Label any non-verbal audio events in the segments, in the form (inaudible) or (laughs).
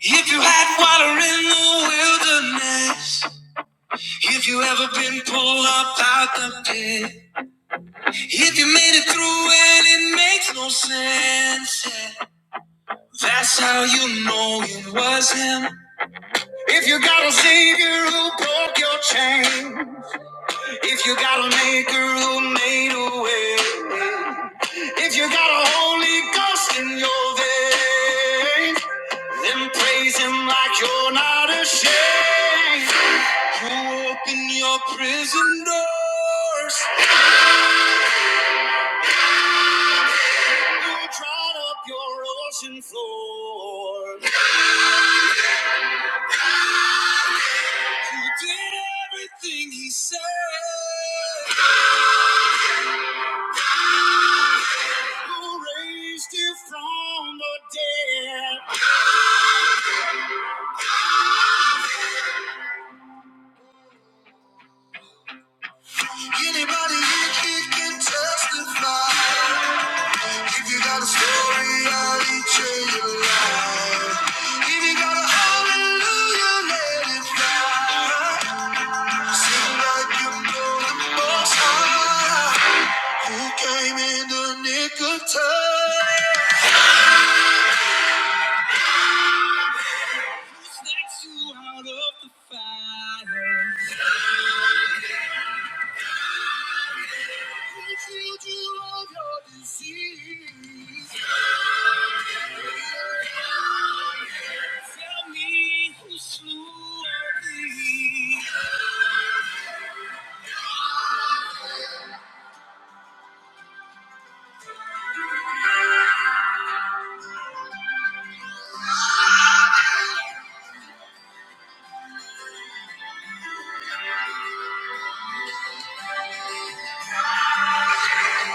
If you had water in the wilderness, if you ever been pulled up out the pit, if you made it through and it makes no sense, yeah, that's how you know it was him. If you got a savior who broke your chain, if you got a maker who made a way, if you got a Holy Ghost in your veins, then praise him like you're not ashamed. You open your prison doors. You dried up your ocean floor. You did everything he said. You raised him from the dead. If you got a story, I'll eat you alive. If you got a hallelujah, let it fly. Sing like you know the most high. Who came in the nick of time? Out of the family who slew thee.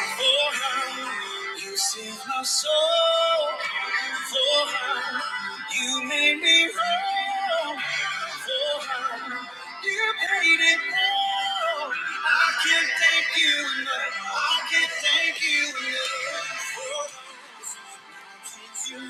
For how you saved my soul. For how you made me whole. For how you paid it all. I can't thank you enough. I can't thank you enough. For Prisoner, you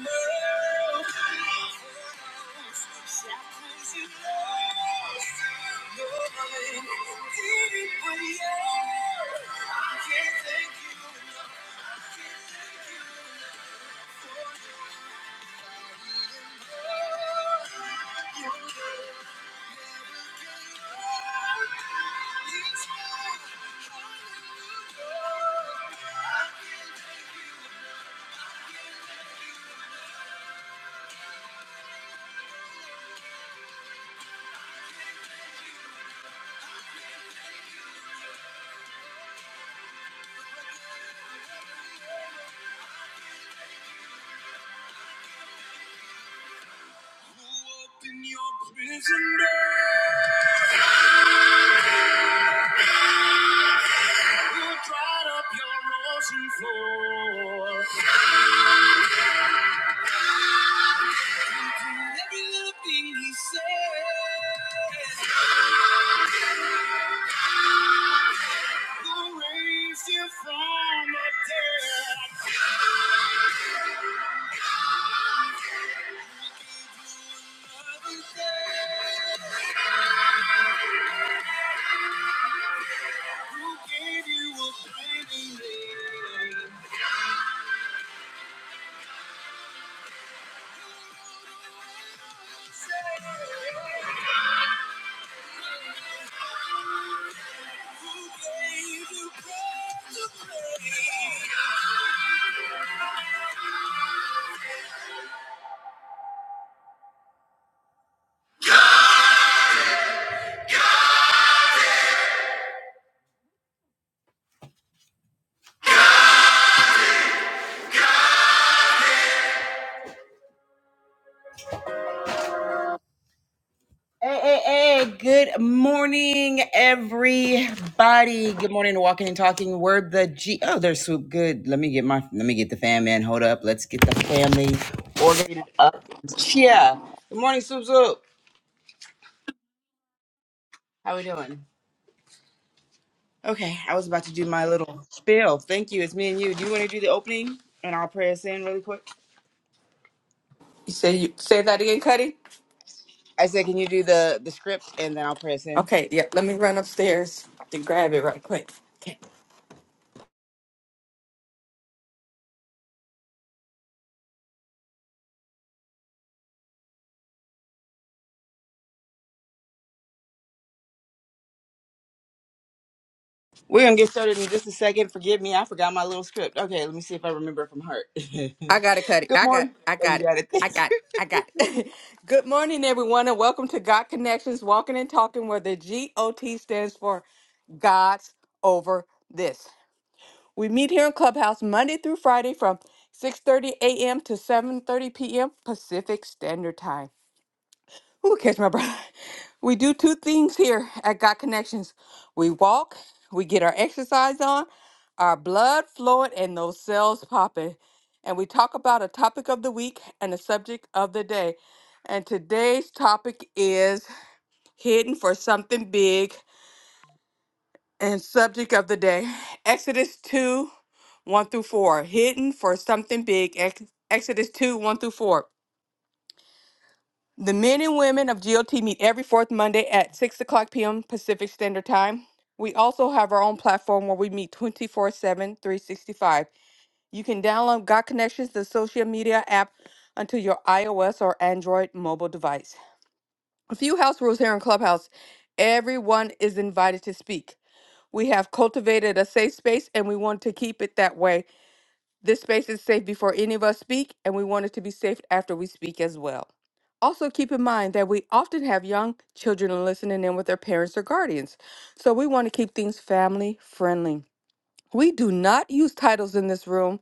dried up your ocean floor. And every little thing he said, who raised you from the dead? Hey, hey, hey, good morning, everybody. Good morning, walking and talking. We're the G. Oh, there's Swoop. Good. Let me get my, let me get the fam man. Hold up. Let's get the family organized up. Yeah. Good morning, Swoop Swoop. How we doing? Okay. I was about to do my little spiel. Thank you. It's me and you. Do you want to do the opening and I'll pray us in really quick? You say you say that again, Cuddy? I said, can you do the, the script and then I'll pray us in? Okay, yeah. Let me run upstairs to grab it right quick. Okay. We're gonna get started in just a second. Forgive me, I forgot my little script. Okay, let me see if I remember it from heart. (laughs) I got it, Cuddy. Good I got morning. I Oh, you got it. got it. I (laughs) got it. I got it. (laughs) Good morning, everyone, and welcome to God Connections Walking and Talking, where the G O T stands for God's Over This. We meet here in Clubhouse Monday through Friday from 6:30 a.m. to 7:30 p.m. Pacific Standard Time. Who catch my breath? (laughs) We do two things here at God Connections. We walk, we get our exercise on, our blood flowing, and those cells popping. And we talk about a topic of the week and a subject of the day. And today's topic is hidden for something big and subject of the day. (sighs) Exodus 2 1 through 4. Hidden for something big. Ex- Exodus 2 1 through 4. The men and women of GOT meet every fourth Monday at 6 o'clock p.m. Pacific Standard Time. We also have our own platform where we meet twenty-four-seven, three hundred and sixty-five. You can download God Connections, the social media app, onto your iOS or Android mobile device. A few house rules here in Clubhouse everyone is invited to speak. We have cultivated a safe space and we want to keep it that way this space is safe before any of us speak, and we want it to be safe after we speak as well. Also, keep in mind that we often have young children listening in with their parents or guardians, so we want to keep things family friendly. We do not use titles in this room.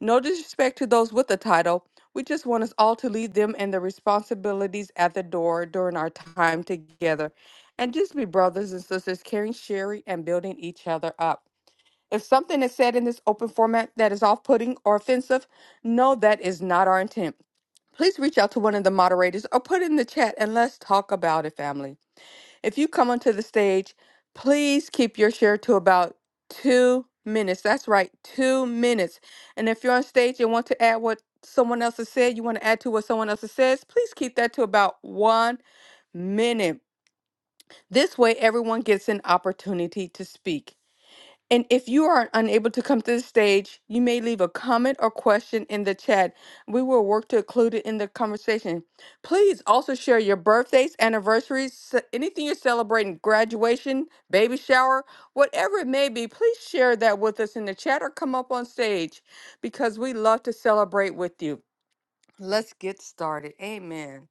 No disrespect to those with a title. We just want us all to leave them and their responsibilities at the door during our time together and just be brothers and sisters, caring, sharing, and building each other up. If something is said in this open format that is off putting or offensive, no, that is not our intent. Please reach out to one of the moderators or put it in the chat and let's talk about it, family. If you come onto the stage, please keep your share to about two minutes. That's right, two minutes. And if you're on stage and want to add what someone else has said, you want to add to what someone else has says, please keep that to about one minute. This way, everyone gets an opportunity to speak. And if you are unable to come to the stage, you may leave a comment or question in the chat. We will work to include it in the conversation. Please also share your birthdays, anniversaries, ce- anything you're celebrating, graduation, baby shower, whatever it may be. Please share that with us in the chat or come up on stage because we love to celebrate with you. Let's get started. Amen.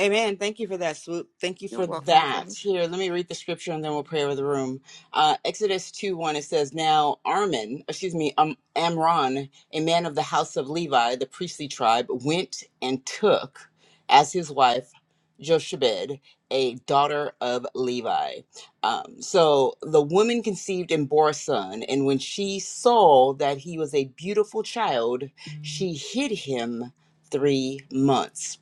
Amen. Thank you for that, Swoop. Thank you You're for welcome, that. Cuddy. Here, let me read the scripture and then we'll pray over the room. Uh, Exodus 2 1, it says, Now Armin, excuse me, um, Amron, a man of the house of Levi, the priestly tribe, went and took as his wife Jochebed, a daughter of Levi. Um, so the woman conceived and bore a son, and when she saw that he was a beautiful child, she hid him three months.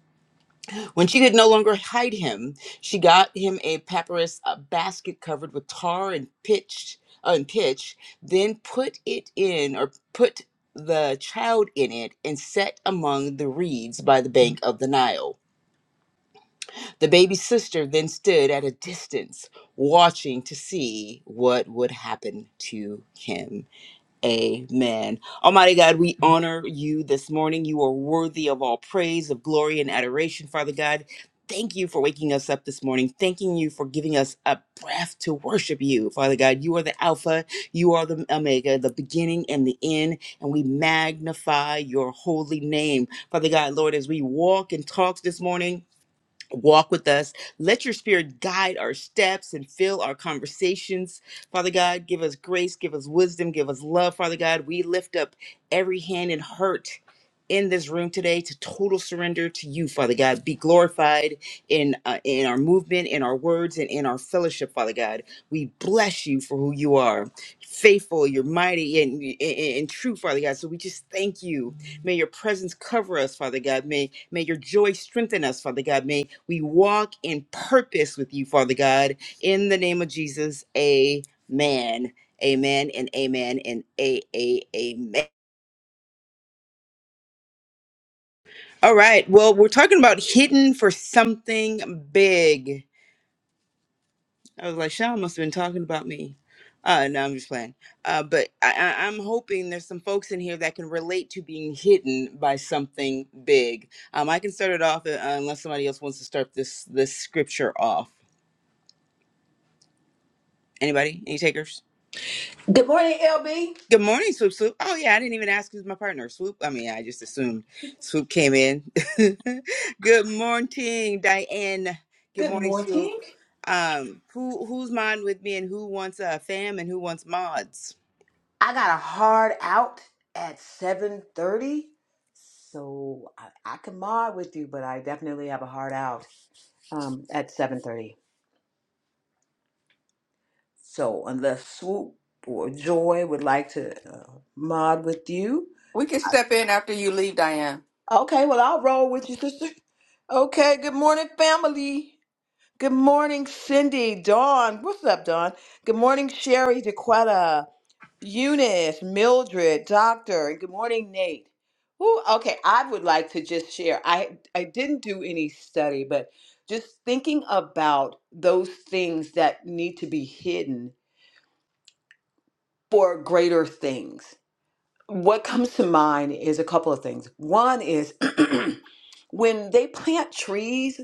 When she could no longer hide him, she got him a papyrus uh, basket covered with tar and pitch, uh, and pitch, then put it in or put the child in it and set among the reeds by the bank of the Nile. The baby's sister then stood at a distance, watching to see what would happen to him. Amen. Almighty God, we honor you this morning. You are worthy of all praise, of glory, and adoration, Father God. Thank you for waking us up this morning. Thanking you for giving us a breath to worship you, Father God. You are the Alpha, you are the Omega, the beginning and the end, and we magnify your holy name, Father God. Lord, as we walk and talk this morning, Walk with us. Let your spirit guide our steps and fill our conversations. Father God, give us grace, give us wisdom, give us love. Father God, we lift up every hand and heart in this room today to total surrender to you, Father God. Be glorified in uh, in our movement, in our words, and in our fellowship, Father God. We bless you for who you are, faithful, you're mighty and, and, and true, Father God. So we just thank you May your presence cover us, Father God. May, may your joy strengthen us, Father God. May we walk in purpose with you, Father God. In the name of Jesus, amen. Amen and amen and a a amen. All right. Well, we're talking about hidden for something big. I was like, Sean must have been talking about me. Uh, no, I'm just playing. Uh, but I, I, I'm hoping there's some folks in here that can relate to being hidden by something big. Um, I can start it off uh, unless somebody else wants to start this this scripture off. Anybody? Any takers? Good morning, LB. Good morning, Swoop Swoop. Oh yeah, I didn't even ask who's my partner. Swoop. I mean, I just assumed Swoop came in. (laughs) Good morning, Diane. Good Good morning, Swoop. morning. Um, who who's mine with me, and who wants a uh, fam, and who wants mods? I got a hard out at 7:30, so I, I can mod with you, but I definitely have a hard out um, at 7:30. So unless Swoop or Joy would like to uh, mod with you, We can step in after you leave, Diane. okay, well I'll roll with you, sister. Okay, good morning, family. Good morning, Cindy, Dawn. What's up, Dawn? Good morning, Sherry, DeQuetta, Eunice, Mildred, Doctor, and good morning, Nate. Ooh, okay, I would like to just share. I I didn't do any study, but just thinking about those things that need to be hidden for greater things. What comes to mind is a couple of things. One is (clears throat) when they plant trees,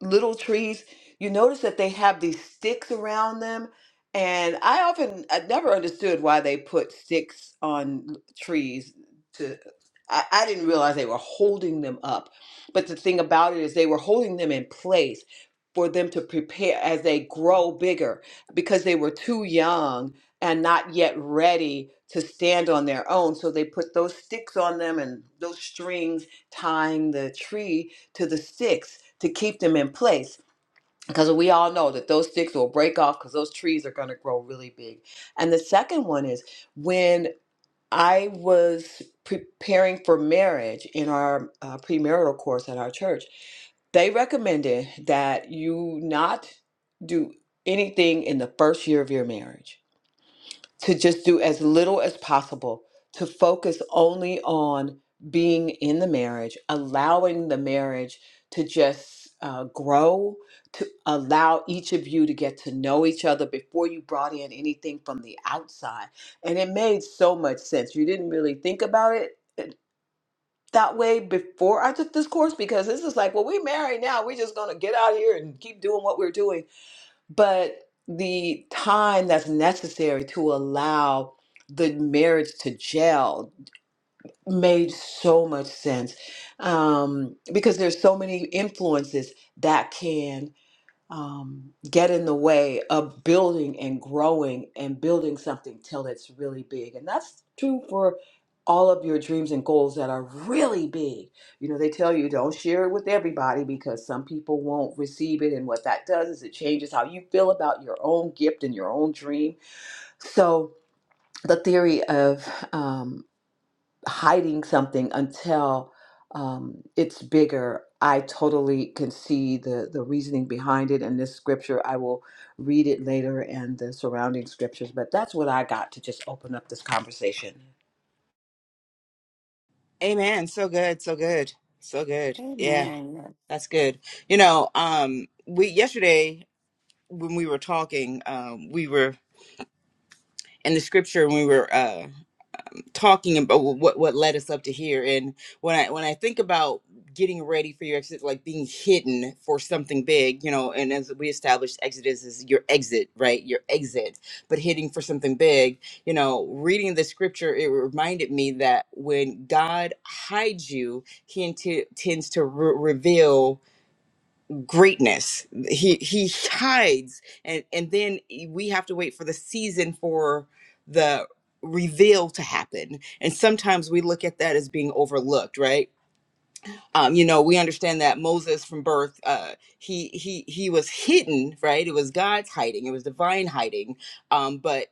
little trees, you notice that they have these sticks around them. And I often, I never understood why they put sticks on l- trees to, I, I didn't realize they were holding them up. But the thing about it is they were holding them in place for them to prepare as they grow bigger because they were too young and not yet ready to stand on their own. So they put those sticks on them and those strings tying the tree to the sticks to keep them in place because we all know that those sticks will break off because those trees are going to grow really big. And the second one is when I was preparing for marriage in our uh, premarital course at our church, they recommended that you not do anything in the first year of your marriage to just do as little as possible, to focus only on being in the marriage, allowing the marriage to just uh, grow, to allow each of you to get to know each other before you brought in anything from the outside. And it made so much sense. You didn't really think about it uh, that way before I took this course because this is like, well, we married now. We're just going to get out here and keep doing what we're doing but the time that's necessary to allow the marriage to gel made so much sense um, because there's so many influences that can um, get in the way of building and growing and building something till it's really big. And that's true for all of your dreams and goals that are really big. You know, they tell you don't share it with everybody because some people won't receive it. And what that does is it changes how you feel about your own gift and your own dream. So, the theory of um, hiding something until um, it's bigger. I totally can see the, the reasoning behind it in this scripture. I will read it later and the surrounding scriptures, but that's what I got to just open up this conversation. Amen. So good. So good. So good. Yeah, Amen. that's good. You know, um, we yesterday when we were talking, um, we were in the scripture. We were uh, talking about what what led us up to here and when i when i think about getting ready for your exit like being hidden for something big you know and as we established exodus is your exit right your exit but hitting for something big you know reading the scripture it reminded me that when god hides you he inti- tends to re- reveal greatness he he hides and and then e, we have to wait for the season for the reveal to happen and sometimes we look at that as being overlooked right um you know we understand that moses from birth uh he he he was hidden right it was god's hiding it was divine hiding um but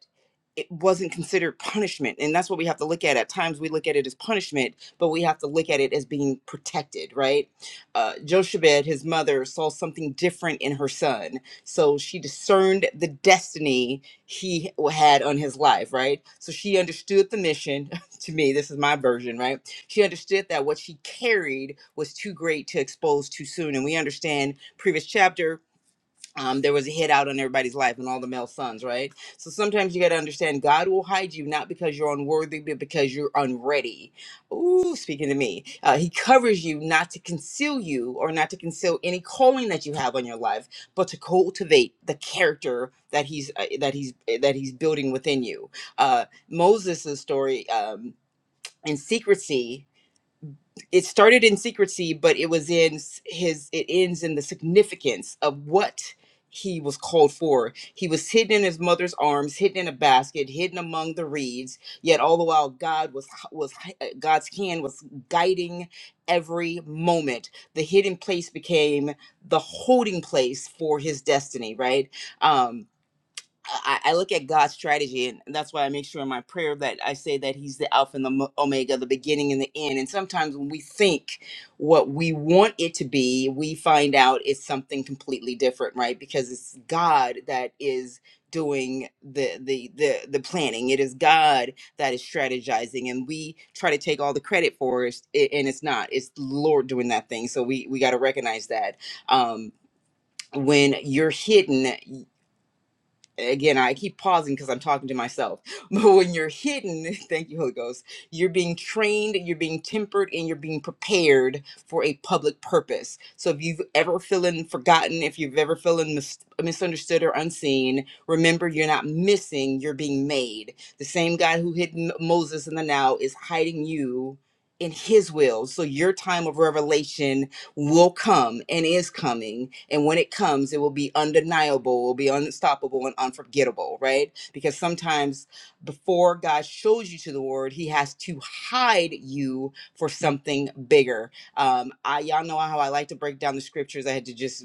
it wasn't considered punishment and that's what we have to look at at times we look at it as punishment but we have to look at it as being protected right uh, jochebed his mother saw something different in her son so she discerned the destiny he had on his life right so she understood the mission (laughs) to me this is my version right she understood that what she carried was too great to expose too soon and we understand previous chapter um, there was a hit out on everybody's life and all the male sons, right? So sometimes you got to understand God will hide you not because you're unworthy, but because you're unready. Ooh, speaking to me, uh, He covers you not to conceal you or not to conceal any calling that you have on your life, but to cultivate the character that He's uh, that He's that He's building within you. Uh, Moses' story. Um, in secrecy, it started in secrecy, but it was in his, it ends in the significance of what he was called for. He was hidden in his mother's arms, hidden in a basket, hidden among the reeds. Yet all the while, God was, was, God's hand was guiding every moment. The hidden place became the holding place for his destiny, right? Um, I, I look at God's strategy, and that's why I make sure in my prayer that I say that He's the Alpha and the Mo- Omega, the beginning and the end. And sometimes when we think what we want it to be, we find out it's something completely different, right? Because it's God that is doing the the the the planning. It is God that is strategizing, and we try to take all the credit for it, and it's not. It's the Lord doing that thing. So we we got to recognize that. Um, when you're hidden again, I keep pausing because I'm talking to myself. (laughs) But when you're hidden, (laughs) thank you, Holy Ghost, you're being trained, you're being tempered, and you're being prepared for a public purpose. So if you've ever feeling forgotten, if you've ever feeling mis- misunderstood or unseen, remember you're not missing, you're being made. The same God who hid M- Moses in the now is hiding you in his will. So your time of revelation will come and is coming. And when it comes, it will be undeniable, will be unstoppable and unforgettable, right? Because sometimes before God shows you to the word, he has to hide you for something bigger. Um, I y'all know how I like to break down the scriptures. I had to just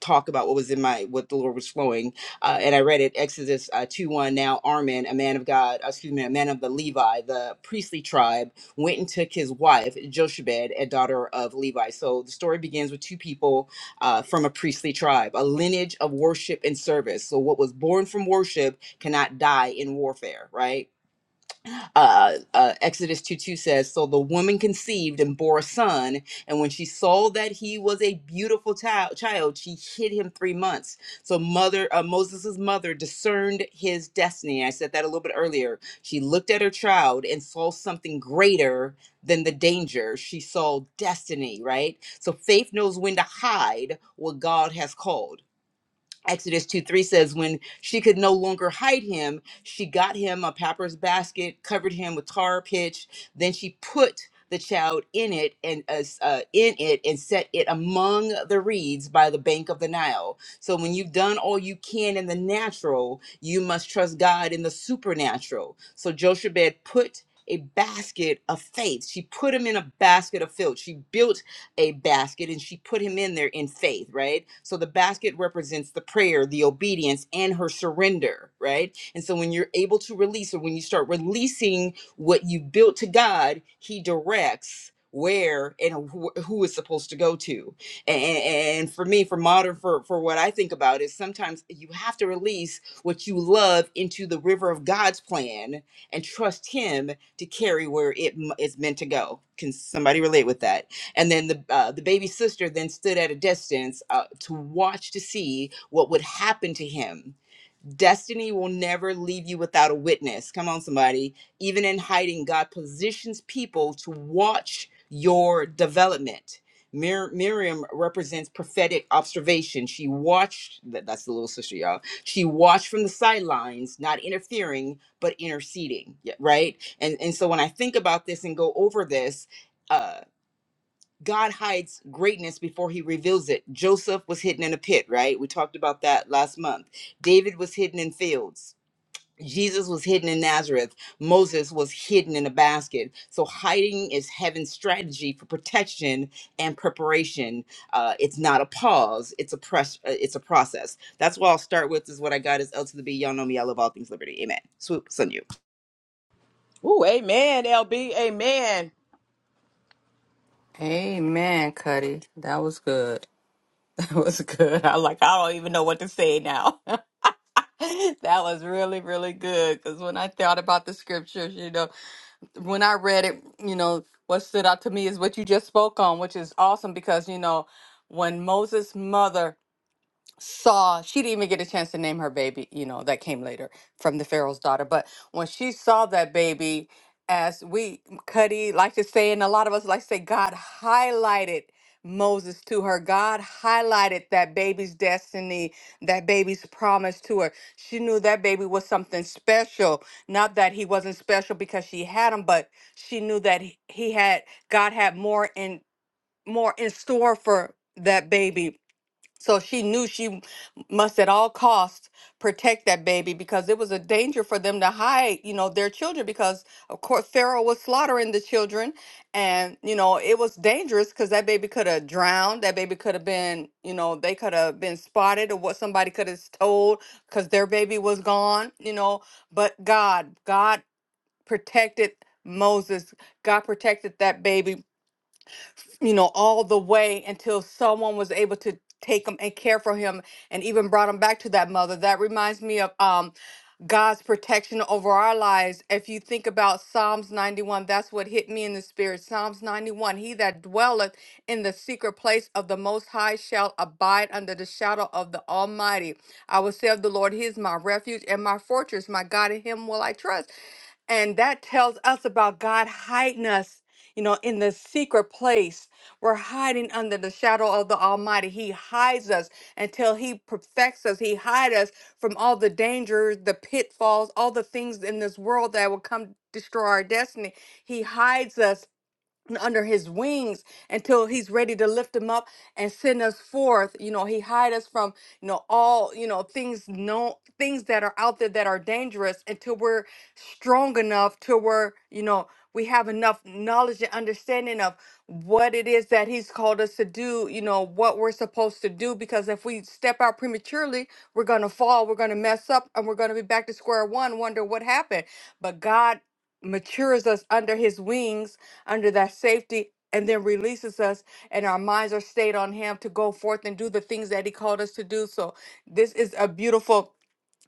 talk about what was in my what the Lord was flowing. Uh, and I read it Exodus uh, 2 1. Now Armin, a man of God, uh, excuse me, a man of the Levi, the priestly tribe went and took his wife, Jochebed, a daughter of Levi. So the story begins with two people uh, from a priestly tribe, a lineage of worship and service. So what was born from worship cannot die in warfare, right? uh, uh, Exodus 2 2 says, So the woman conceived and bore a son, and when she saw that he was a beautiful child, child she hid him three months. So mother uh, Moses' mother discerned his destiny. I said that a little bit earlier. She looked at her child and saw something greater than the danger. She saw destiny, right? So faith knows when to hide what God has called. Exodus 2 3 says, When she could no longer hide him, she got him a papyrus basket, covered him with tar pitch. Then she put the child in it and uh, s- uh, in it and set it among the reeds by the bank of the Nile. So when you've done all you can in the natural, you must trust God in the supernatural. So Jochebed put a basket of faith. She put him in a basket of filth. She built a basket and she put him in there in faith, right? So the basket represents the prayer, the obedience, and her surrender, right? And so when you're able to release or when you start releasing what you built to God, He directs where and wh- who is supposed to go to. And, and for me, for modern, for, for what I think about is sometimes you have to release what you love into the river of God's plan and trust Him to carry where it m- is meant to go. Can somebody relate with that? and then the uh, the baby sister then stood at a distance uh, to watch to see what would happen to him. Destiny will never leave you without a witness. Come on, somebody. Even in hiding, God positions people to watch your development. Mir- Miriam represents prophetic observation. She watched, that, that's the little sister, y'all. She watched from the sidelines, not interfering, but interceding, yeah, right? And, and so when I think about this and go over this, uh. God hides greatness before he reveals it. Joseph was hidden in a pit, right? We talked about that last month. David was hidden in fields. Jesus was hidden in Nazareth. Moses was hidden in a basket. So hiding is heaven's strategy for protection and preparation. Uh, it's not a pause. It's a press. Uh, it's a process. That's what I'll start with. Is what I got is L to the B. Y'all know me. I love all things liberty. Amen. Swoop, Sun You. Ooh, amen, LB. Amen. Amen, Cuddy. That was good. (laughs) It was good. I like I don't even know what to say now. (laughs) that was really really good because when I thought about the scriptures, you know, when I read it, you know, what stood out to me is what you just spoke on, which is awesome because you know, when Moses' mother saw she didn't even get a chance to name her baby you know that came later from the pharaoh's daughter but when she saw that baby as we cuddy like to say and a lot of us like to say god highlighted moses to her god highlighted that baby's destiny that baby's promise to her she knew that baby was something special not that he wasn't special because she had him but she knew that he he had god had more in more in store for that baby so she knew she must at all costs protect that baby because it was a danger for them to hide, you know, their children because of course Pharaoh was slaughtering the children and you know, it was dangerous cuz that baby could have drowned, that baby could have been, you know, they could have been spotted or what somebody could have told cuz their baby was gone, you know, but God, God protected Moses. God protected that baby you know, all the way until someone was able to take him and care for him and even brought him back to that mother. That reminds me of um God's protection over our lives. If you think about Psalms 91, that's what hit me in the spirit. Psalms 91 He that dwelleth in the secret place of the Most High shall abide under the shadow of the Almighty. I will say of the Lord, He is my refuge and my fortress. My God, in Him will I trust. And that tells us about God hiding us, you know, in the secret place. We're hiding under the shadow of the Almighty. He hides us until He perfects us. He hides us from all the dangers, the pitfalls, all the things in this world that will come destroy our destiny. He hides us and under his wings until he's ready to lift him up and send us forth you know he hide us from you know all you know things no things that are out there that are dangerous until we're strong enough to where you know we have enough knowledge and understanding of what it is that he's called us to do you know what we're supposed to do because if we step out prematurely we're going to fall we're going to mess up and we're going to be back to square one wonder what happened but god matures us under his wings under that safety and then releases us and our minds are stayed on him to go forth and do the things that he called us to do so this is a beautiful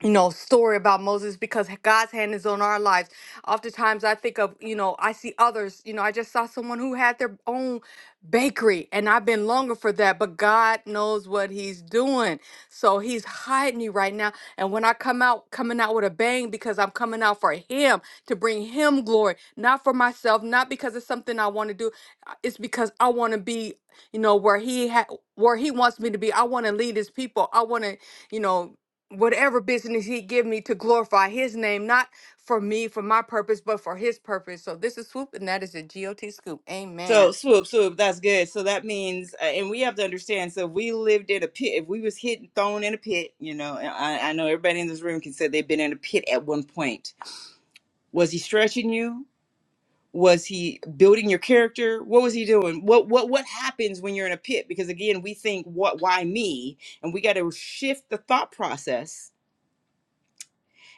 you know story about moses because god's hand is on our lives oftentimes i think of you know i see others you know i just saw someone who had their own bakery and i've been longing for that but god knows what he's doing so he's hiding you right now and when i come out coming out with a bang because i'm coming out for him to bring him glory not for myself not because it's something i want to do uh, it's because i want to be you know where he ha- where he wants me to be i want to lead his people i want to you know whatever business he give me to glorify his name, not for me, for my purpose, but for his purpose. So this is Swoop, and that is a G O T scoop. So Amen. swoop, swoop, that's good. So that means, uh, and we have to understand. So if we lived in a pit, if we was hit and thrown in a pit, you know, and I, I know everybody in this room can say they've been in a pit at one point. Was he stretching you? Was he building your character? What was he doing? What what what happens when you're in a pit? Because again, we think what why me, and we got to shift the thought process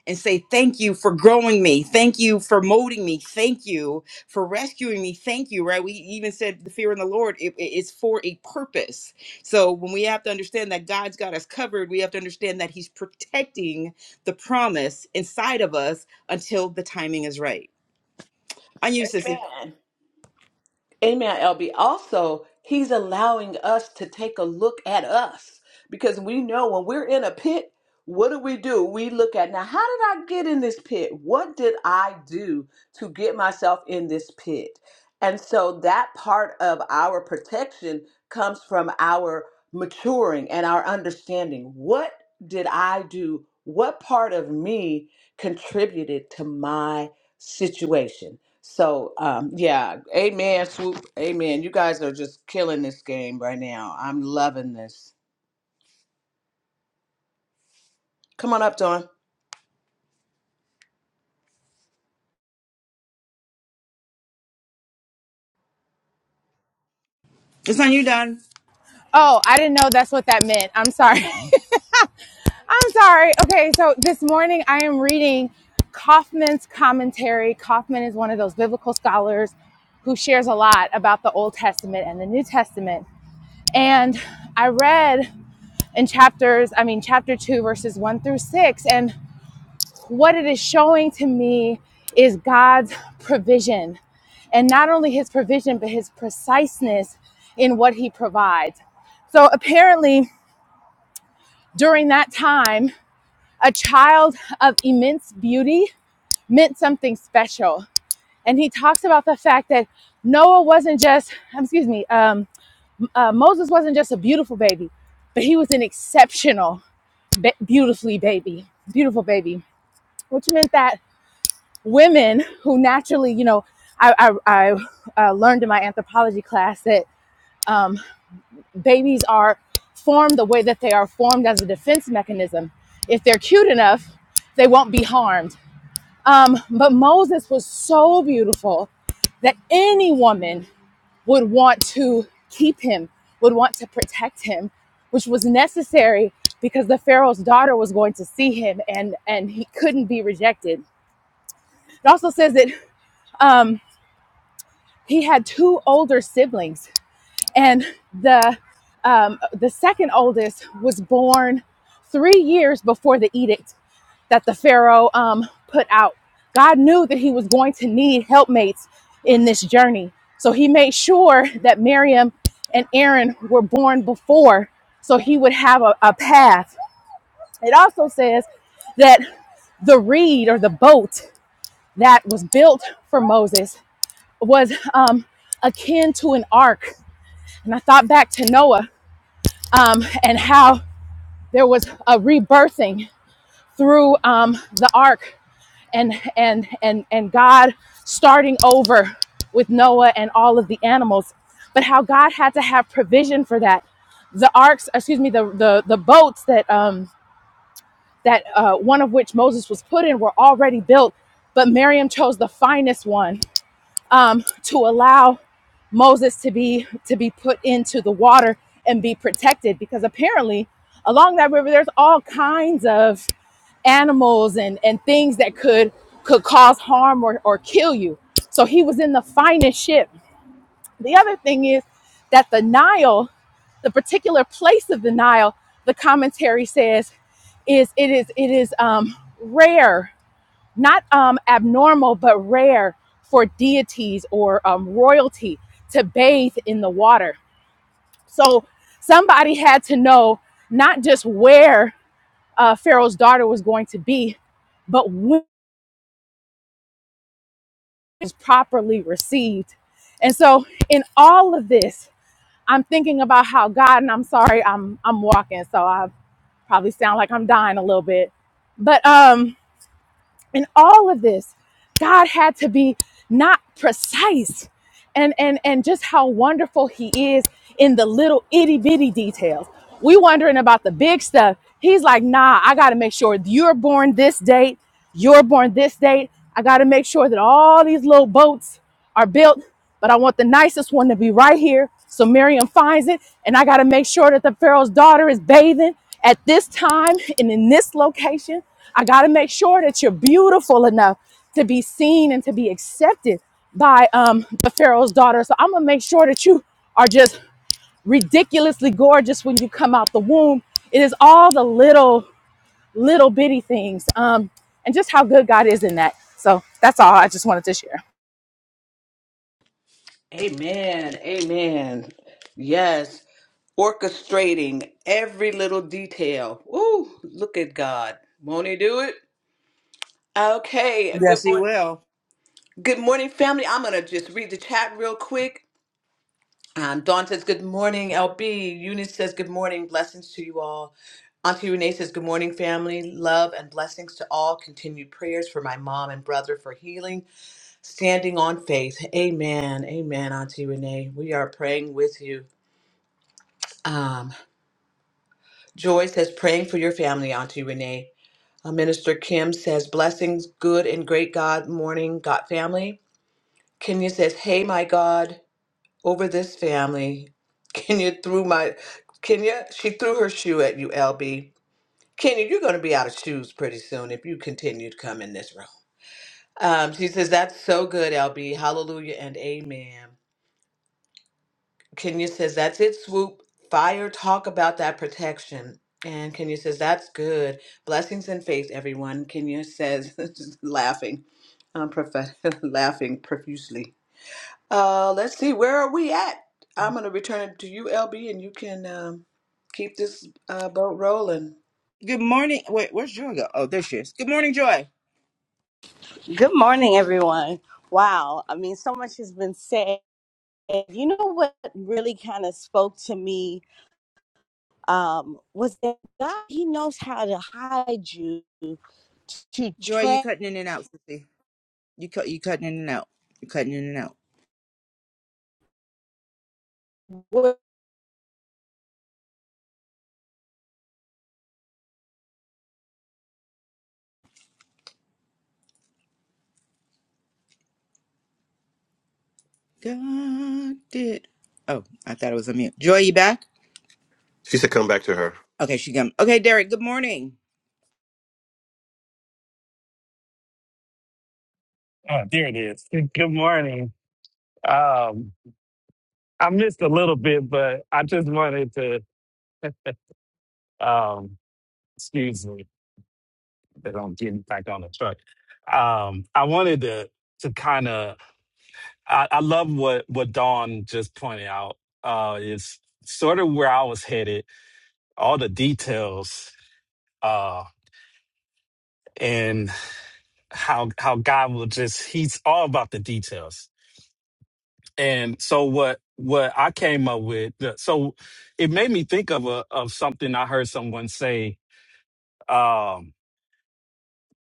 and say, Thank you for growing me. Thank you for molding me. Thank you for rescuing me. Thank you, right? We even said the fear in the Lord it, it- it's for a purpose. So when we have to understand that God's got us covered, we have to understand that He's protecting the promise inside of us until the timing is right. On you, Sissy. Amen. Amen, LB. Also, he's allowing us to take a look at us because we know when we're in a pit, what do we do? We look at now, how did I get in this pit? What did I do to get myself in this pit? And so that part of our protection comes from our maturing and our understanding. What did I do? What part of me contributed to my situation? So, um, yeah, amen, swoop, amen. You guys are just killing this game right now. I'm loving this. Come on up, Dawn. It's on you, Don. Oh, I didn't know that's what that meant. I'm sorry. (laughs) I'm sorry. Okay, so this morning I am reading Kaufman's commentary. Kaufman is one of those biblical scholars who shares a lot about the Old Testament and the New Testament. And I read in chapters, I mean, chapter two, verses one through six. And what it is showing to me is God's provision. And not only his provision, but his preciseness in what he provides. So apparently, during that time, a child of immense beauty meant something special. And he talks about the fact that Noah wasn't just, um, excuse me, um, uh, Moses wasn't just a beautiful baby, but he was an exceptional, ba- beautifully baby, beautiful baby, which meant that women who naturally, you know, I, I, I uh, learned in my anthropology class that um, babies are formed the way that they are formed as a defense mechanism. If they're cute enough, they won't be harmed. Um, but Moses was so beautiful that any woman would want to keep him, would want to protect him, which was necessary because the Pharaoh's daughter was going to see him and, and he couldn't be rejected. It also says that um, he had two older siblings and the um, the second oldest was born three years before the edict that the pharaoh um, put out god knew that he was going to need helpmates in this journey so he made sure that miriam and aaron were born before so he would have a, a path it also says that the reed or the boat that was built for moses was um, akin to an ark and i thought back to noah um, and how there was a rebirthing through um, the ark and and and and God starting over with Noah and all of the animals, but how God had to have provision for that. The arcs, excuse me, the the the boats that um that uh, one of which Moses was put in were already built, but Miriam chose the finest one um, to allow Moses to be to be put into the water and be protected because apparently along that river there's all kinds of animals and and things that could could cause harm or, or kill you. So he was in the finest ship. The other thing is that the Nile, the particular place of the Nile, the commentary says is it is it is um, rare not um, abnormal, but rare for deities or um, royalty to bathe in the water. So somebody had to know not just where uh, Pharaoh's daughter was going to be, but when it was properly received. And so in all of this, I'm thinking about how God, and I'm sorry, I'm I'm walking, so I probably sound like I'm dying a little bit. But um, in all of this, God had to be not precise and and and just how wonderful he is in the little itty bitty details. We wondering about the big stuff. He's like, nah, I gotta make sure you're born this date, you're born this date. I gotta make sure that all these little boats are built, but I want the nicest one to be right here. So Miriam finds it, and I gotta make sure that the Pharaoh's daughter is bathing at this time and in this location. I gotta make sure that you're beautiful enough to be seen and to be accepted by um the Pharaoh's daughter. So I'm gonna make sure that you are just ridiculously gorgeous when you come out the womb. It is all the little little bitty things. Um and just how good God is in that. So that's all I just wanted to share. Amen, amen. Yes, orchestrating every little detail. Ooh, look at God. Won't He do it? Okay. Good Yes, He morning. will. Good morning, family. I'm gonna just read the chat real quick. Um, Dawn says, Good morning, LB. Eunice says, Good morning. Blessings to you all. Auntie Renee says, Good morning, family. Love and blessings to all. Continued prayers for my mom and brother for healing, standing on faith. Amen. Amen, Auntie Renee. We are praying with you. Um, Joy says, Praying for your family, Auntie Renee. Uh, Minister Kim says, Blessings, good and great God morning, God family. Kenya says, Hey, my God. over this family. Kenya threw my Kenya, she threw her shoe at you, LB. Kenya, you're gonna be out of shoes pretty soon if you continue to come in this room. Um, she says, That's so good, LB. Hallelujah and amen. Kenya says, That's it, swoop. Fire talk about that protection. And Kenya says, That's good. Blessings and faith, everyone. Kenya says, (laughs) laughing, um, prof- (laughs) laughing profusely. Uh, let's see, where are we at? I'm going to return it to you, LB, and you can um, keep this uh, boat rolling. Good morning. Wait, where's Joy go? Oh, there she is. Good morning, Joy. Good morning, everyone. Wow. I mean, so much has been said. You know what really kind of spoke to me um, was that God, He knows how to hide you to Joy, you track. cutting in and out, Sissy. You cut you cutting in and out. You cutting in and out. Can y'all God did. Oh, I thought it was a mute. Joy, you back? She said, "Come back to her." Okay, she come. Okay, Derek. Good morning. Oh, there it is. (laughs) Good morning. Um, I missed a little bit, but I just wanted to um, excuse me that I'm getting back on the truck. Um, I wanted to to kind of I, I love what what Dawn just pointed out. Uh, it's sort of where I was headed. All the details uh, and how how God will just He's all about the details And so what what I came up with, so it made me think of a of something I heard someone say. Um,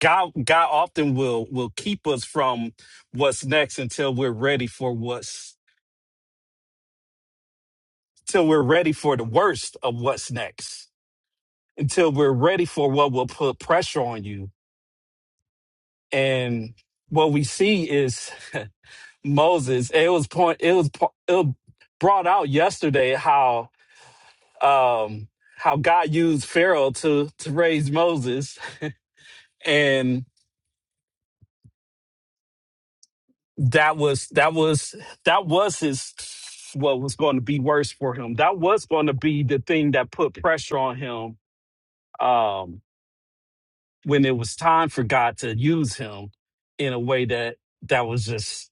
God God often will will keep us from what's next until we're ready for what's till we're ready for the worst of what's next. Until we're ready for what will put pressure on you. And what we see is (laughs) Moses. It was point. It was po- it brought out yesterday um, how God used Pharaoh to to raise Moses, and that was that was that was his what was going to be worse for him. That was going to be the thing that put pressure on him um, when it was time for God to use him in a way that that was just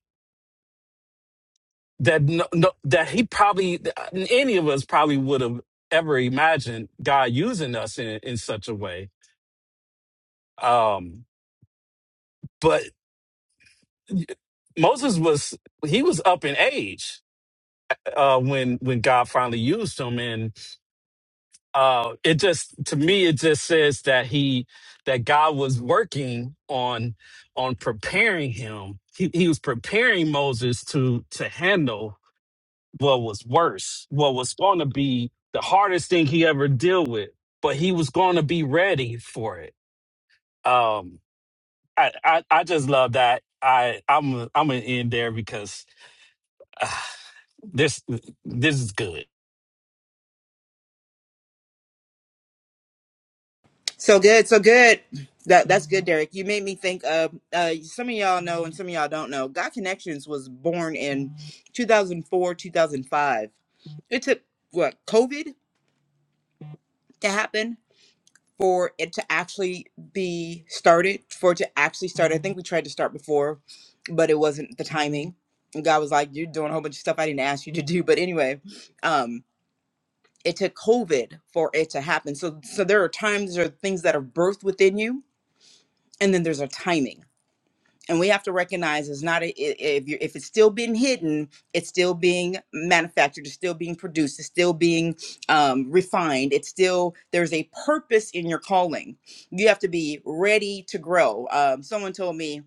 that no, no, that he probably any of us probably would have ever imagined God using us in in such a way. Um, but. Moses was he was up in age uh, when when God finally used him, and uh, it just to me it just says that he that God was working on on preparing him. He, he was preparing Moses to to handle what was worse, what was going to be the hardest thing he ever deal with, but he was going to be ready for it. Um, I, I I just love that. I I'm I'm gonna end there because. (sighs) This this is good. So good, so good. That that's good, Derek. You made me think of uh, some of y'all know and some of y'all don't know. God Connections was born in 2004, 2005. It took what COVID to happen for it to actually be started. For it to actually start, I think we tried to start before, but it wasn't the timing. And God was like, "You're doing a whole bunch of stuff I didn't ask you to do." But anyway, um, it took COVID for it to happen. So so there are times there are things that are birthed within you, and then there's a timing. And we have to recognize it's not a, i- if you if it's still being hidden, it's still being manufactured, it's still being produced, it's still being um, refined. It's still there's a purpose in your calling. You have to be ready to grow. Um, someone told me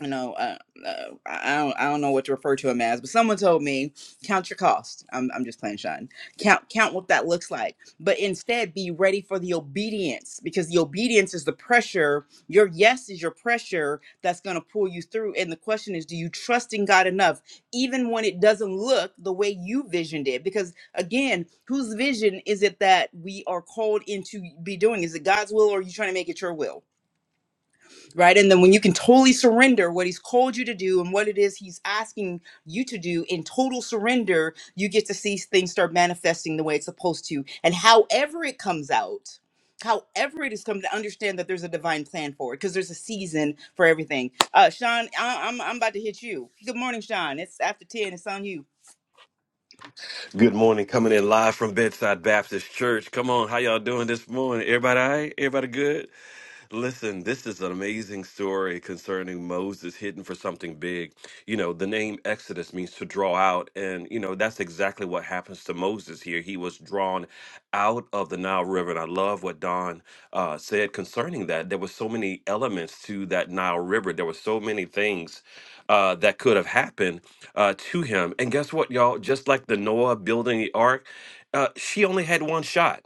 you know, uh, uh, I don't, I don't know what to refer to him as, but someone told me count your cost. I'm, I'm just playing, Sean. Count, count what that looks like, but instead be ready for the obedience because the obedience is the pressure. Your yes is your pressure that's going to pull you through. And the question is, do you trust in God enough, even when it doesn't look the way you visioned it? Because again, whose vision is it that we are called into be doing? Is it God's will, or are you trying to make it your will? right? And then when you can totally surrender what he's called you to do and what it is he's asking you to do in total surrender, you get to see things start manifesting the way it's supposed to. And however it comes out, however it is coming, to understand that there's a divine plan for it because there's a season for everything. Uh, Sean, I- I'm I'm about to hit you. Good morning, Sean. It's after ten. It's on you. Good morning, coming in live from Bedside Baptist Church. Come on, how y'all doing this morning? Everybody, all right? everybody good? Listen, this is an amazing story concerning Moses hidden for something big. You know, the name Exodus means to draw out, and you know that's exactly what happens to Moses here. He was drawn out of the Nile River, and I love what Don uh, said concerning that. There were so many elements to that Nile River. There were so many things uh, that could have happened uh, to him. And guess what, y'all? Just like the Noah building the ark, uh, she only had one shot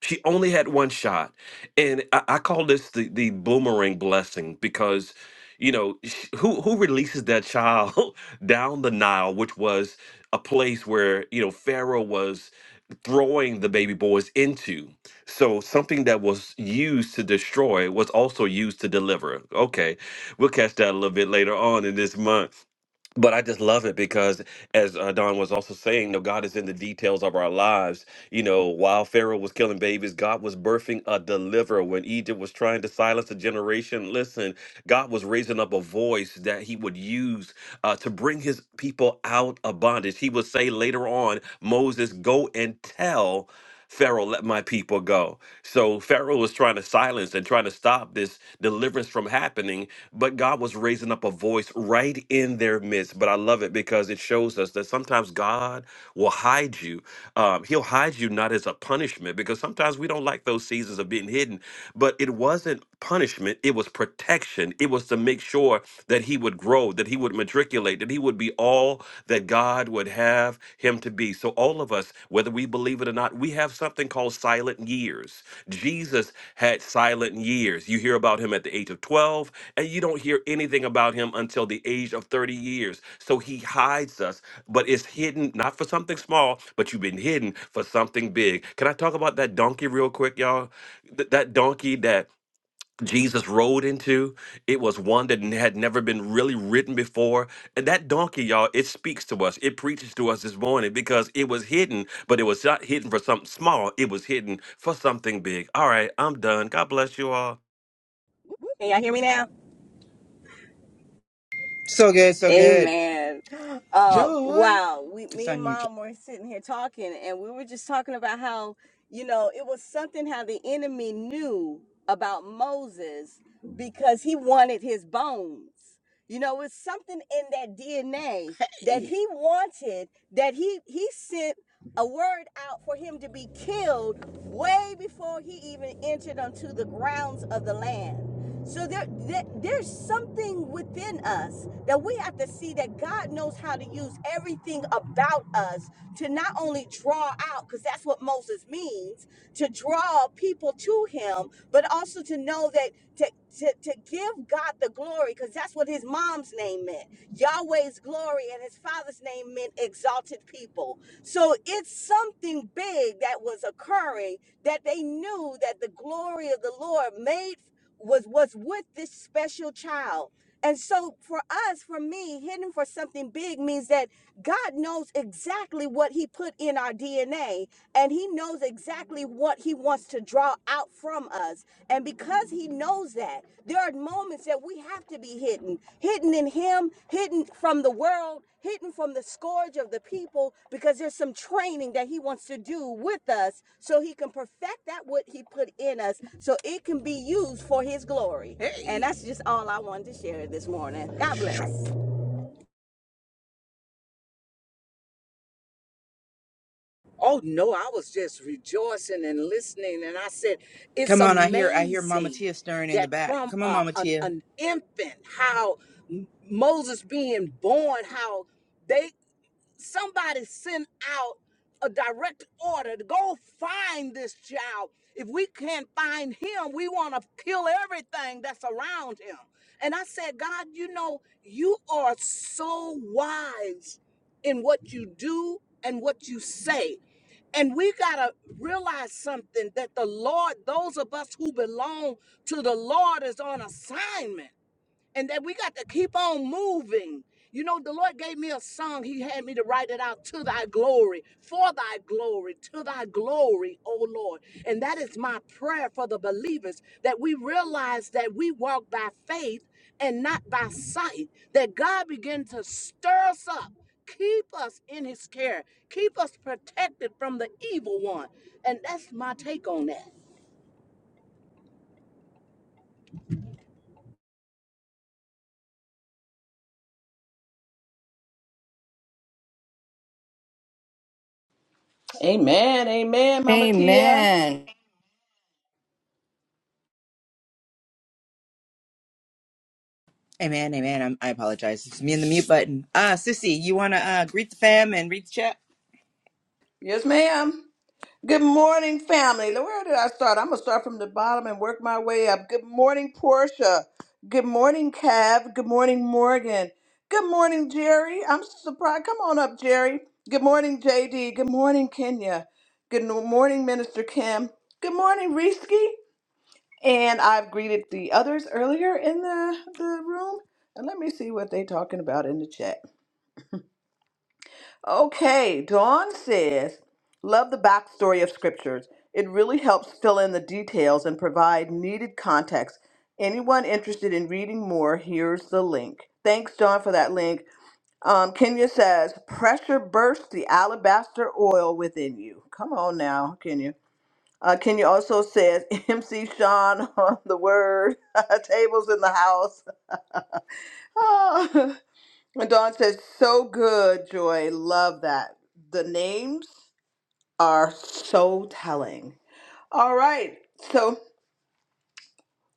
she only had one shot. And I, I call this the, the boomerang blessing because, you know, sh- who, who releases that child (laughs) down the Nile, which was a place where, you know, Pharaoh was throwing the baby boys into. So something that was used to destroy was also used to deliver. Okay, we'll catch that a little bit later on in this month but I just love it because, as uh, Don was also saying, you know, God is in the details of our lives you know, while Pharaoh was killing babies, God was birthing a deliverer. When Egypt was trying to silence a generation, listen, God was raising up a voice that he would use uh, to bring his people out of bondage. He would say later on, Moses, go and tell Pharaoh, let my people go. So Pharaoh was trying to silence and trying to stop this deliverance from happening, but God was raising up a voice right in their midst. But I love it because it shows us that sometimes God will hide you um, he'll hide you not as a punishment because sometimes we don't like those seasons of being hidden but it wasn't punishment it was protection it was to make sure that he would grow that he would matriculate that he would be all that god would have him to be so all of us whether we believe it or not we have something called silent years jesus had silent years you hear about him at the age of 12 and you don't hear anything about him until the age of 30 years so he hides us but it's hidden not for something small but you've been hidden for something big can i talk about that donkey real quick y'all th- that donkey that Jesus rode into, it was one that n- had never been really ridden before. And that donkey, y'all, it speaks to us. It preaches to us this morning because it was hidden, but it was not hidden for something small. It was hidden for something big. All right, I'm done. God bless you all. hear me now? So good, so good. Amen. Uh, Joy, wow. We, it's me and on you. Joy. mom were sitting here talking, and we were just talking about how, you know, it was something how the enemy knew about Moses because he wanted his bones. You know, it's something in that DNA that he wanted that he he sent a word out for him to be killed way before he even entered onto the grounds of the land. So there, there, there's something within us that we have to see that God knows how to use everything about us to not only draw out, because that's what Moses means, to draw people to Him, but also to know that to to, to give God the glory, because that's what His mom's name meant, Yahweh's glory, and His father's name meant exalted people. So it's something big that was occurring that they knew that the glory of the Lord made was was with this special child and so for us for me hidden for something big means that god knows exactly what he put in our dna and he knows exactly what he wants to draw out from us and because he knows that there are moments that we have to be hidden hidden in him hidden from the world hidden from the scourge of the people because there's some training that he wants to do with us so he can perfect that what he put in us so it can be used for his glory. Hey. And Hey. that's just all I wanted to share this morning. God bless. Oh no, I was just rejoicing and listening. And I said, it's Come on, I hear I hear Mama amazing Tia stirring in the that back. from Come on, a, Mama an, Tia. an infant, how M- Moses being born, how. they. somebody send out a direct order to go find this child. If we can't find him, we want to kill everything that's around him. And I said, God, you know, you are so wise in what you do and what you say. And we got to realize something that the Lord, those of us who belong to the Lord, is on assignment and that we got to keep on moving. You know, the Lord gave me a song. He had me to write it out to thy glory, for thy glory, to thy glory, O Lord. And that is my prayer for the believers that we realize that we walk by faith and not by sight, that God begin to stir us up. Keep us in his care. Keep us protected from the evil one. And that's my take on that. Amen, amen, Mama Tia. Amen. Hey man, hey man, I'm, I apologize. It's me and the mute button. Uh, Sissy, you want to uh, greet the fam and read the chat? Yes, ma'am. Good morning, family. Where did I start? I'm going to start from the bottom and work my way up. Good morning, Portia. Good morning, Cav. Good morning, Morgan. Good morning, Jerry. I'm surprised. Come on up, Jerry. Good morning, JD. Good morning, Kenya. Good no- morning, Minister Kim. Good morning, Risky. And I've greeted the others earlier in the, the room. And let me see what they're talking about in the chat. Okay, Dawn says, Love the backstory of scriptures. It really helps fill in the details and provide needed context. Anyone interested in reading more, here's the link. Thanks, Dawn, for that link. Um, Kenya says, Pressure bursts the alabaster oil within you. Come on now, Kenya. Uh, Kenya also says (laughs) MC Sean on the word (laughs) tables in the house. (laughs) Ah. and Dawn says, so good, Joy. Love that. The names are so telling. All right. So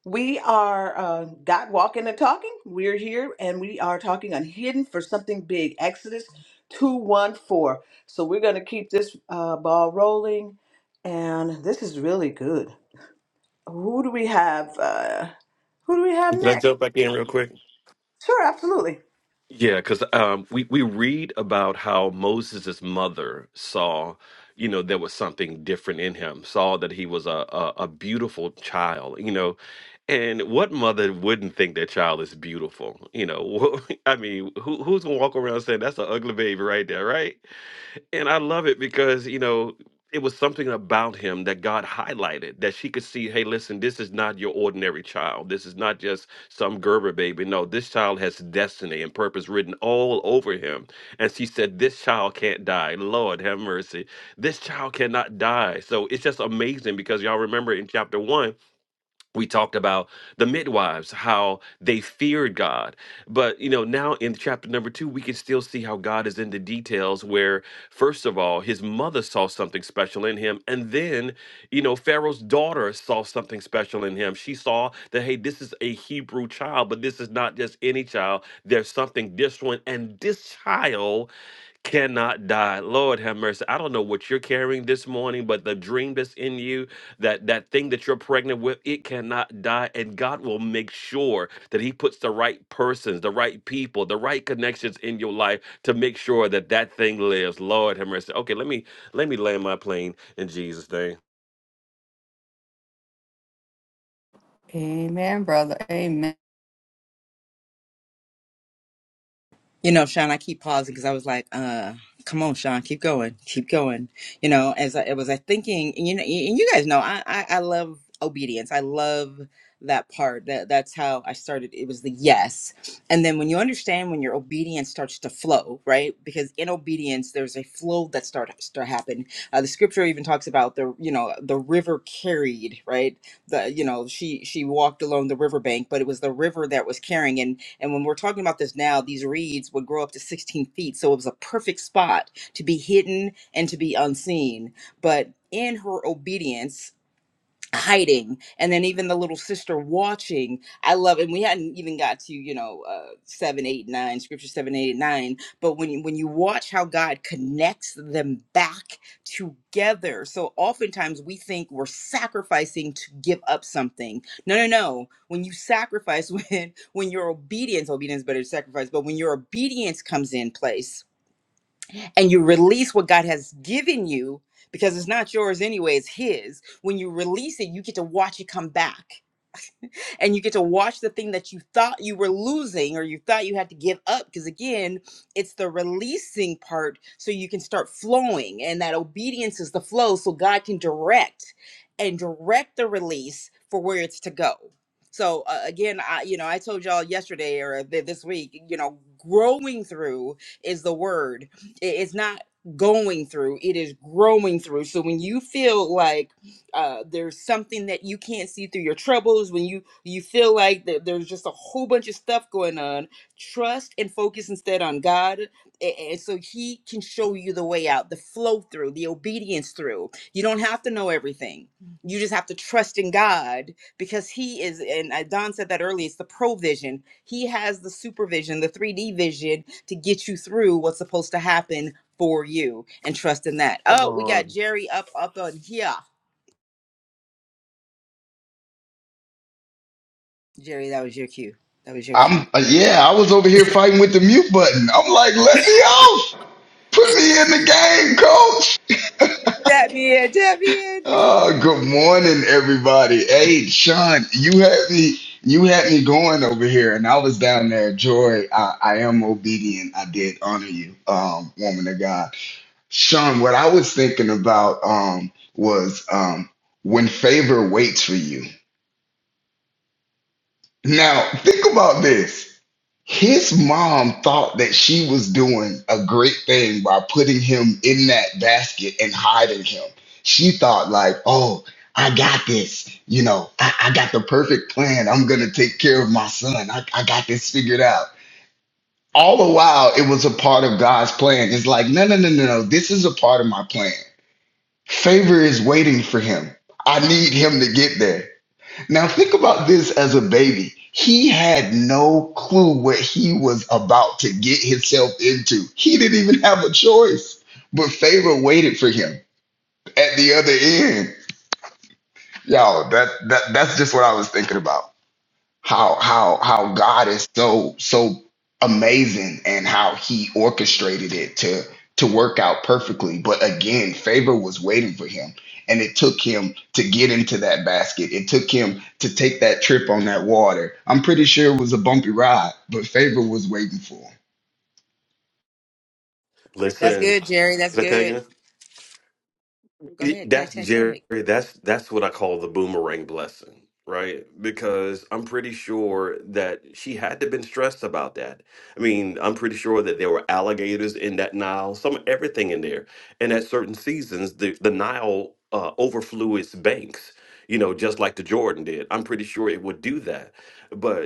we are uh, got walking and talking. We're here and we are talking on hidden for something big. Exodus 214. So we're going to keep this uh, ball rolling. And this is really good. Who do we have? Uh, Who do we have Can I next? jump back in real quick? Sure, absolutely. Yeah, because um, we we read about how Moses' mother saw, you know, there was something different in him. Saw that he was a, a a beautiful child, you know, and what mother wouldn't think their child is beautiful? You know, (laughs) I mean, who who's gonna walk around saying that's an ugly baby right there, right? and I love it because, you know, it was something about him that God highlighted that she could see, hey, listen, this is not your ordinary child. This is not just some Gerber baby. No, this child has destiny and purpose written all over him. And she said, This child can't die. Lord have mercy. This child cannot die. So it's just amazing because y'all remember in chapter one, we talked about the midwives how they feared god but you know now in chapter number two we can still see how god is in the details where first of all his mother saw something special in him and then you know pharaoh's daughter saw something special in him she saw that hey this is a hebrew child but this is not just any child there's something different and this child cannot die. Lord have mercy. I don't know what you're carrying this morning, but the dream that's in you, that that thing that you're pregnant with, it cannot die and God will make sure that he puts the right persons, the right people, the right connections in your life to make sure that that thing lives. Lord have mercy. Okay, let me let me land my plane in Jesus name. Amen, brother. Amen. You know, Sean, I keep pausing because I was like, uh, come on, Sean, keep going, keep going. You know, as I it was I thinking, and you know, and you guys know, I, I, I love obedience. I love that part. That that's how I started. It was the yes. And then when you understand when your obedience starts to flow, right? Because in obedience, there's a flow that starts to happen. Uh, the scripture even talks about the, you know, the river carried, right? The, you know, she she walked along the riverbank, but it was the river that was carrying. And and when we're talking about this now, these reeds would grow up to 16 feet. So it was a perfect spot to be hidden and to be unseen. But in her obedience, hiding and then even the little sister watching i love and we hadn't even got to you know uh seven eight nine scripture seven eight nine but when you when you watch how god connects them back together so oftentimes we think we're sacrificing to give up something no no no when you sacrifice (laughs) when when your obedience obedience is better than sacrifice but when your obedience comes in place and you release what God has given you because it's not yours anyway, it's His. When you release it, you get to watch it come back and you get to watch the thing that you thought you were losing or you thought you had to give up because again it's the releasing part so you can start flowing and that obedience is the flow so god can direct and direct the release for where it's to go so uh, again i you know i told y'all yesterday or th- this week you know growing through is the word I- it's not going through it is growing through so when you feel like uh, there's something that you can't see through your troubles when you you feel like that there's just a whole bunch of stuff going on trust and focus instead on god a- and so he can show you the way out the flow through the obedience through you don't have to know everything you just have to trust in god because he is and uh, don said that earlier it's the provision he has the supervision the 3d vision to get you through what's supposed to happen for you and trust in that Come oh we got on. jerry up up on here Jerry, that was your cue. That was your cue. I'm uh, yeah, I was over here fighting with the mute button. I'm like, let me off. Put me in the game, coach. Tap me in, tap me in. (laughs) Uh, good morning, everybody. Hey, Sean, you had me you had me going over here, and I was down there. Joy, I, I am obedient. I did honor you, um, woman of God. Sean, what I was thinking about um was um when favor waits for you. Now, think about this. His mom thought that she was doing a great thing by putting him in that basket and hiding him. She thought, like, oh, I got this. You know, I, I got the perfect plan. I'm going to take care of my son. I, I got this figured out. All the while, it was a part of God's plan. It's like, no, no, no, no, no. This is a part of my plan. Favor is waiting for him. I need him to get there. Now think about this as a baby. He had no clue what he was about to get himself into. He didn't even have a choice. But favor waited for him at the other end. Y'all, that, that that's just what I was thinking about how how how God is so so amazing and how he orchestrated it to to work out perfectly. But again, favor was waiting for him. And it took him to get into that basket. It took him to take that trip on that water. I'm pretty sure it was a bumpy ride, but favor was waiting for him. That's Listen. Is good, Jerry. That's that good. tagging? Go It- ahead, tag, That's tag, Jerry. tag. That's that's what I call the boomerang blessing, right? Because I'm pretty sure that she had to been stressed about that. I mean, I'm pretty sure that there were alligators in that Nile, some everything in there. And at certain seasons, the the Nile uh, overflew its banks, you know, just like the Jordan did. I'm pretty sure it would do that. But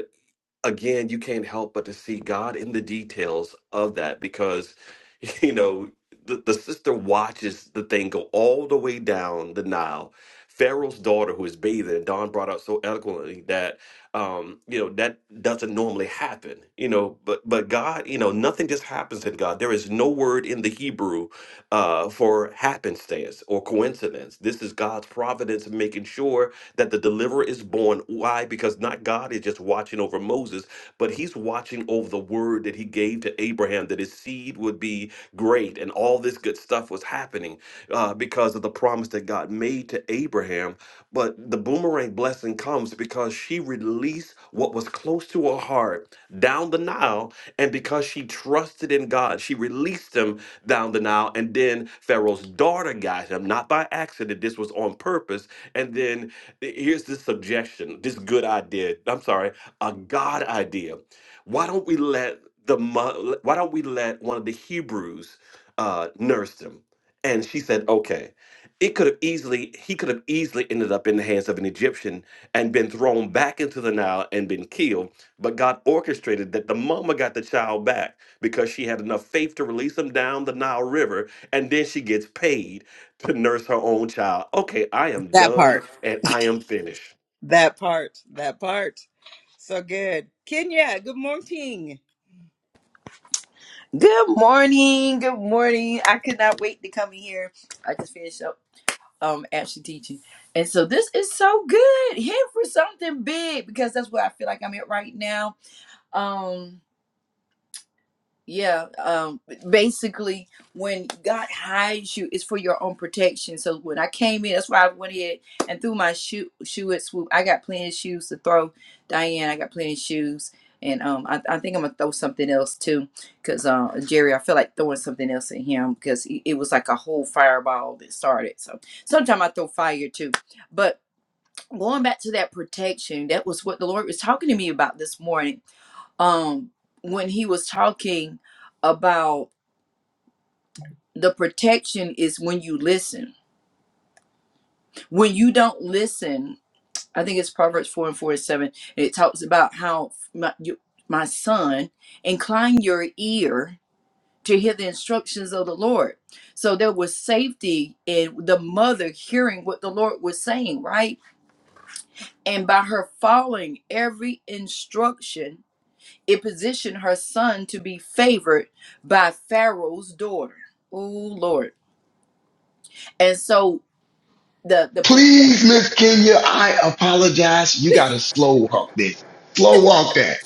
again, you can't help but to see God in the details of that because, (laughs) you know, the, the sister watches the thing go all the way down the Nile. Pharaoh's daughter, who is bathing, and Don brought out so eloquently that, um, you know, that doesn't normally happen, you know, but, but God, you know, nothing just happens in God. There is no word in the Hebrew uh, for happenstance or coincidence. This is God's providence making sure that the deliverer is born. Why? Because not God is just watching over Moses, but he's watching over the word that he gave to Abraham that his seed would be great and all this good stuff was happening uh, because of the promise that God made to Abraham but the boomerang blessing comes because she released what was close to her heart down the Nile. And because she trusted in God, she released him down the Nile. And then Pharaoh's daughter got him, not by accident. This was on purpose. And then eh, here's this suggestion, this good idea. I'm sorry, a God idea. Why don't we let the mo- why don't we let one of the Hebrews uh, nurse him? And she said, okay it could have easily he could have easily ended up in the hands of an Egyptian and been thrown back into the Nile and been killed. But God orchestrated that the mama got the child back because she had enough faith to release him down the Nile River, and then she gets paid to nurse her own child. Okay, I am That done part. and I am finished. That part. That part. So good. Kenya, good morning. Good morning. Good morning. I could not wait to come in here. I just finished up um actually teaching. And so this is so good. Here for something big because that's what I feel like I'm at right now. Um yeah, um, basically, when God hides you, it's for your own protection. So when I came in, that's why I went ahead and threw my shoe shoe at swoop. I got plenty of shoes to throw, Diane. I got plenty of shoes, and um, I, I think I'm gonna throw something else too, cause uh, Jerry, I feel like throwing something else at him, cause it, it was like a whole fireball that started. So sometimes I throw fire too, but going back to that protection, that was what the Lord was talking to me about this morning um when he was talking about the protection is when you listen when you don't listen i think it's proverbs 4 and 47 and seven. And it talks about how my, you, my son incline your ear to hear the instructions of the lord so there was safety in the mother hearing what the lord was saying right and by her following every instruction It positioned her son to be favored by Pharaoh's daughter. Oh Lord. And so the the. Please, Miss Kenya, I apologize. You gotta slow walk this. Slow walk that.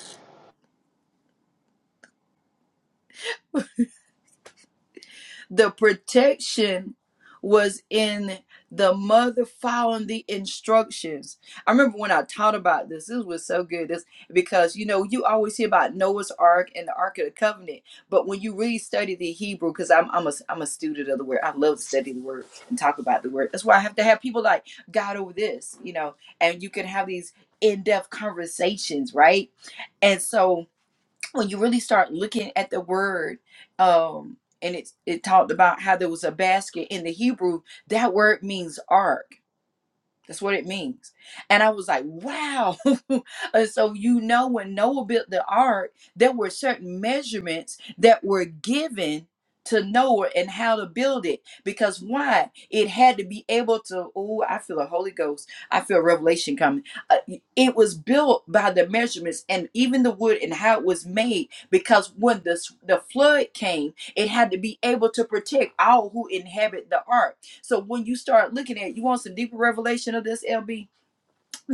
The protection was in the mother following the instructions. I remember when I taught about this, this was so good. This because you know you always hear about Noah's Ark and the Ark of the Covenant, but when you really study the Hebrew, because I'm I'm a I'm a student of the word. I love to study the word and talk about the word. That's why I have to have people like God over this, you know, and you can have these in-depth conversations, right? And so when you really start looking at the word um and it it talked about how there was a basket in the hebrew that word means ark that's what it means. And I was like, wow. (laughs) and so, you know, when Noah built the ark, there were certain measurements that were given to Noah and how to build it. Because why? It had to be able to, oh, I feel the Holy Ghost. I feel revelation coming. Uh, it was built by the measurements and even the wood and how it was made. Because when the, s- the flood came, it had to be able to protect all who inhabit the ark so when you start looking at, you want some deeper revelation of this, LB?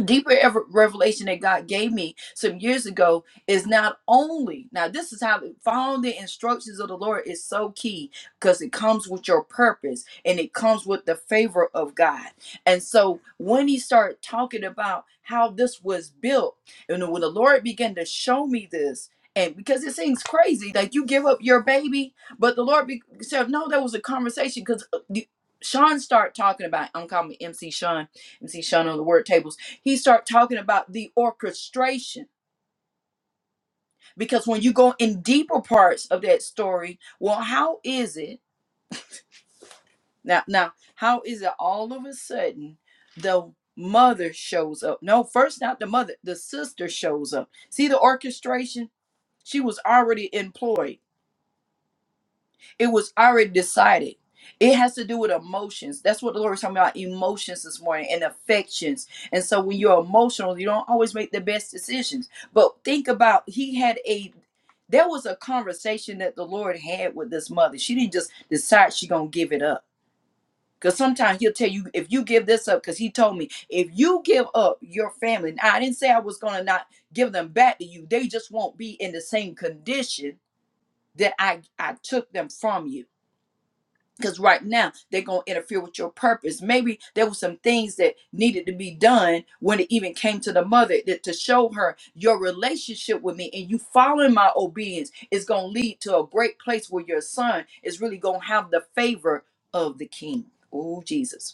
deeper ever revelation that God gave me some years ago is not only now this is how following the instructions of the Lord is so key because it comes with your purpose and it comes with the favor of God. And so when he started talking about how this was built and when the Lord began to show me this and because it seems crazy like you give up your baby but the Lord be- said no there was a conversation because Sean started talking about I'm calling him MC Sean MC Sean on the word tables he start talking about the orchestration because when you go in deeper parts of that story well how is it now now how is it all of a sudden the mother shows up no first not the mother the sister shows up see the orchestration she was already employed It was already decided. It has to do with emotions. That's what the Lord was talking about emotions this morning and affections. And so when you're emotional, you don't always make the best decisions. But think about he had a there was a conversation that the Lord had with this mother. She didn't just decide she gonna give it up. Because sometimes he'll tell you, if you give this up, because he told me, if you give up your family, now I didn't say I was gonna not give them back to you. They just won't be in the same condition that I, I took them from you because right now they're going to interfere with your purpose maybe there were some things that needed to be done when it even came to the mother that to show her your relationship with me and you following my obedience is going to lead to a great place where your son is really going to have the favor of the king oh jesus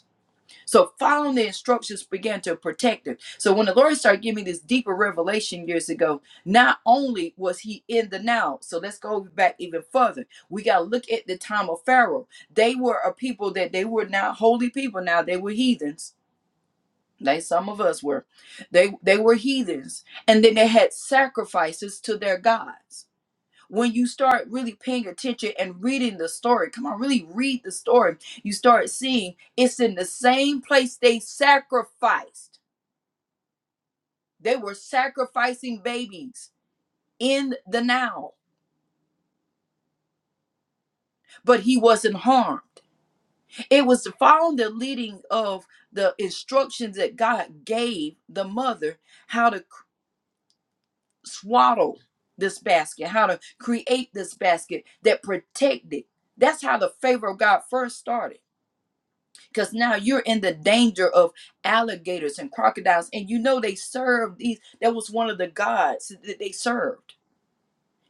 so following the instructions began to protect him. So when the Lord started giving me this deeper revelation years ago, not only was he in the now, so let's go back even further. We got to look at the time of Pharaoh. They were a people that they were not holy people now, they were heathens. Like some of us were. They they were heathens. And then they had sacrifices to their gods when you start really paying attention and reading the story come on really read the story you start seeing it's in the same place they sacrificed they were sacrificing babies in the now but he wasn't harmed it was following the leading of the instructions that god gave the mother how to c- swaddle this basket how to create this basket that protected that's how the favor of god first started because now you're in the danger of alligators and crocodiles and you know they served these that was one of the gods that they served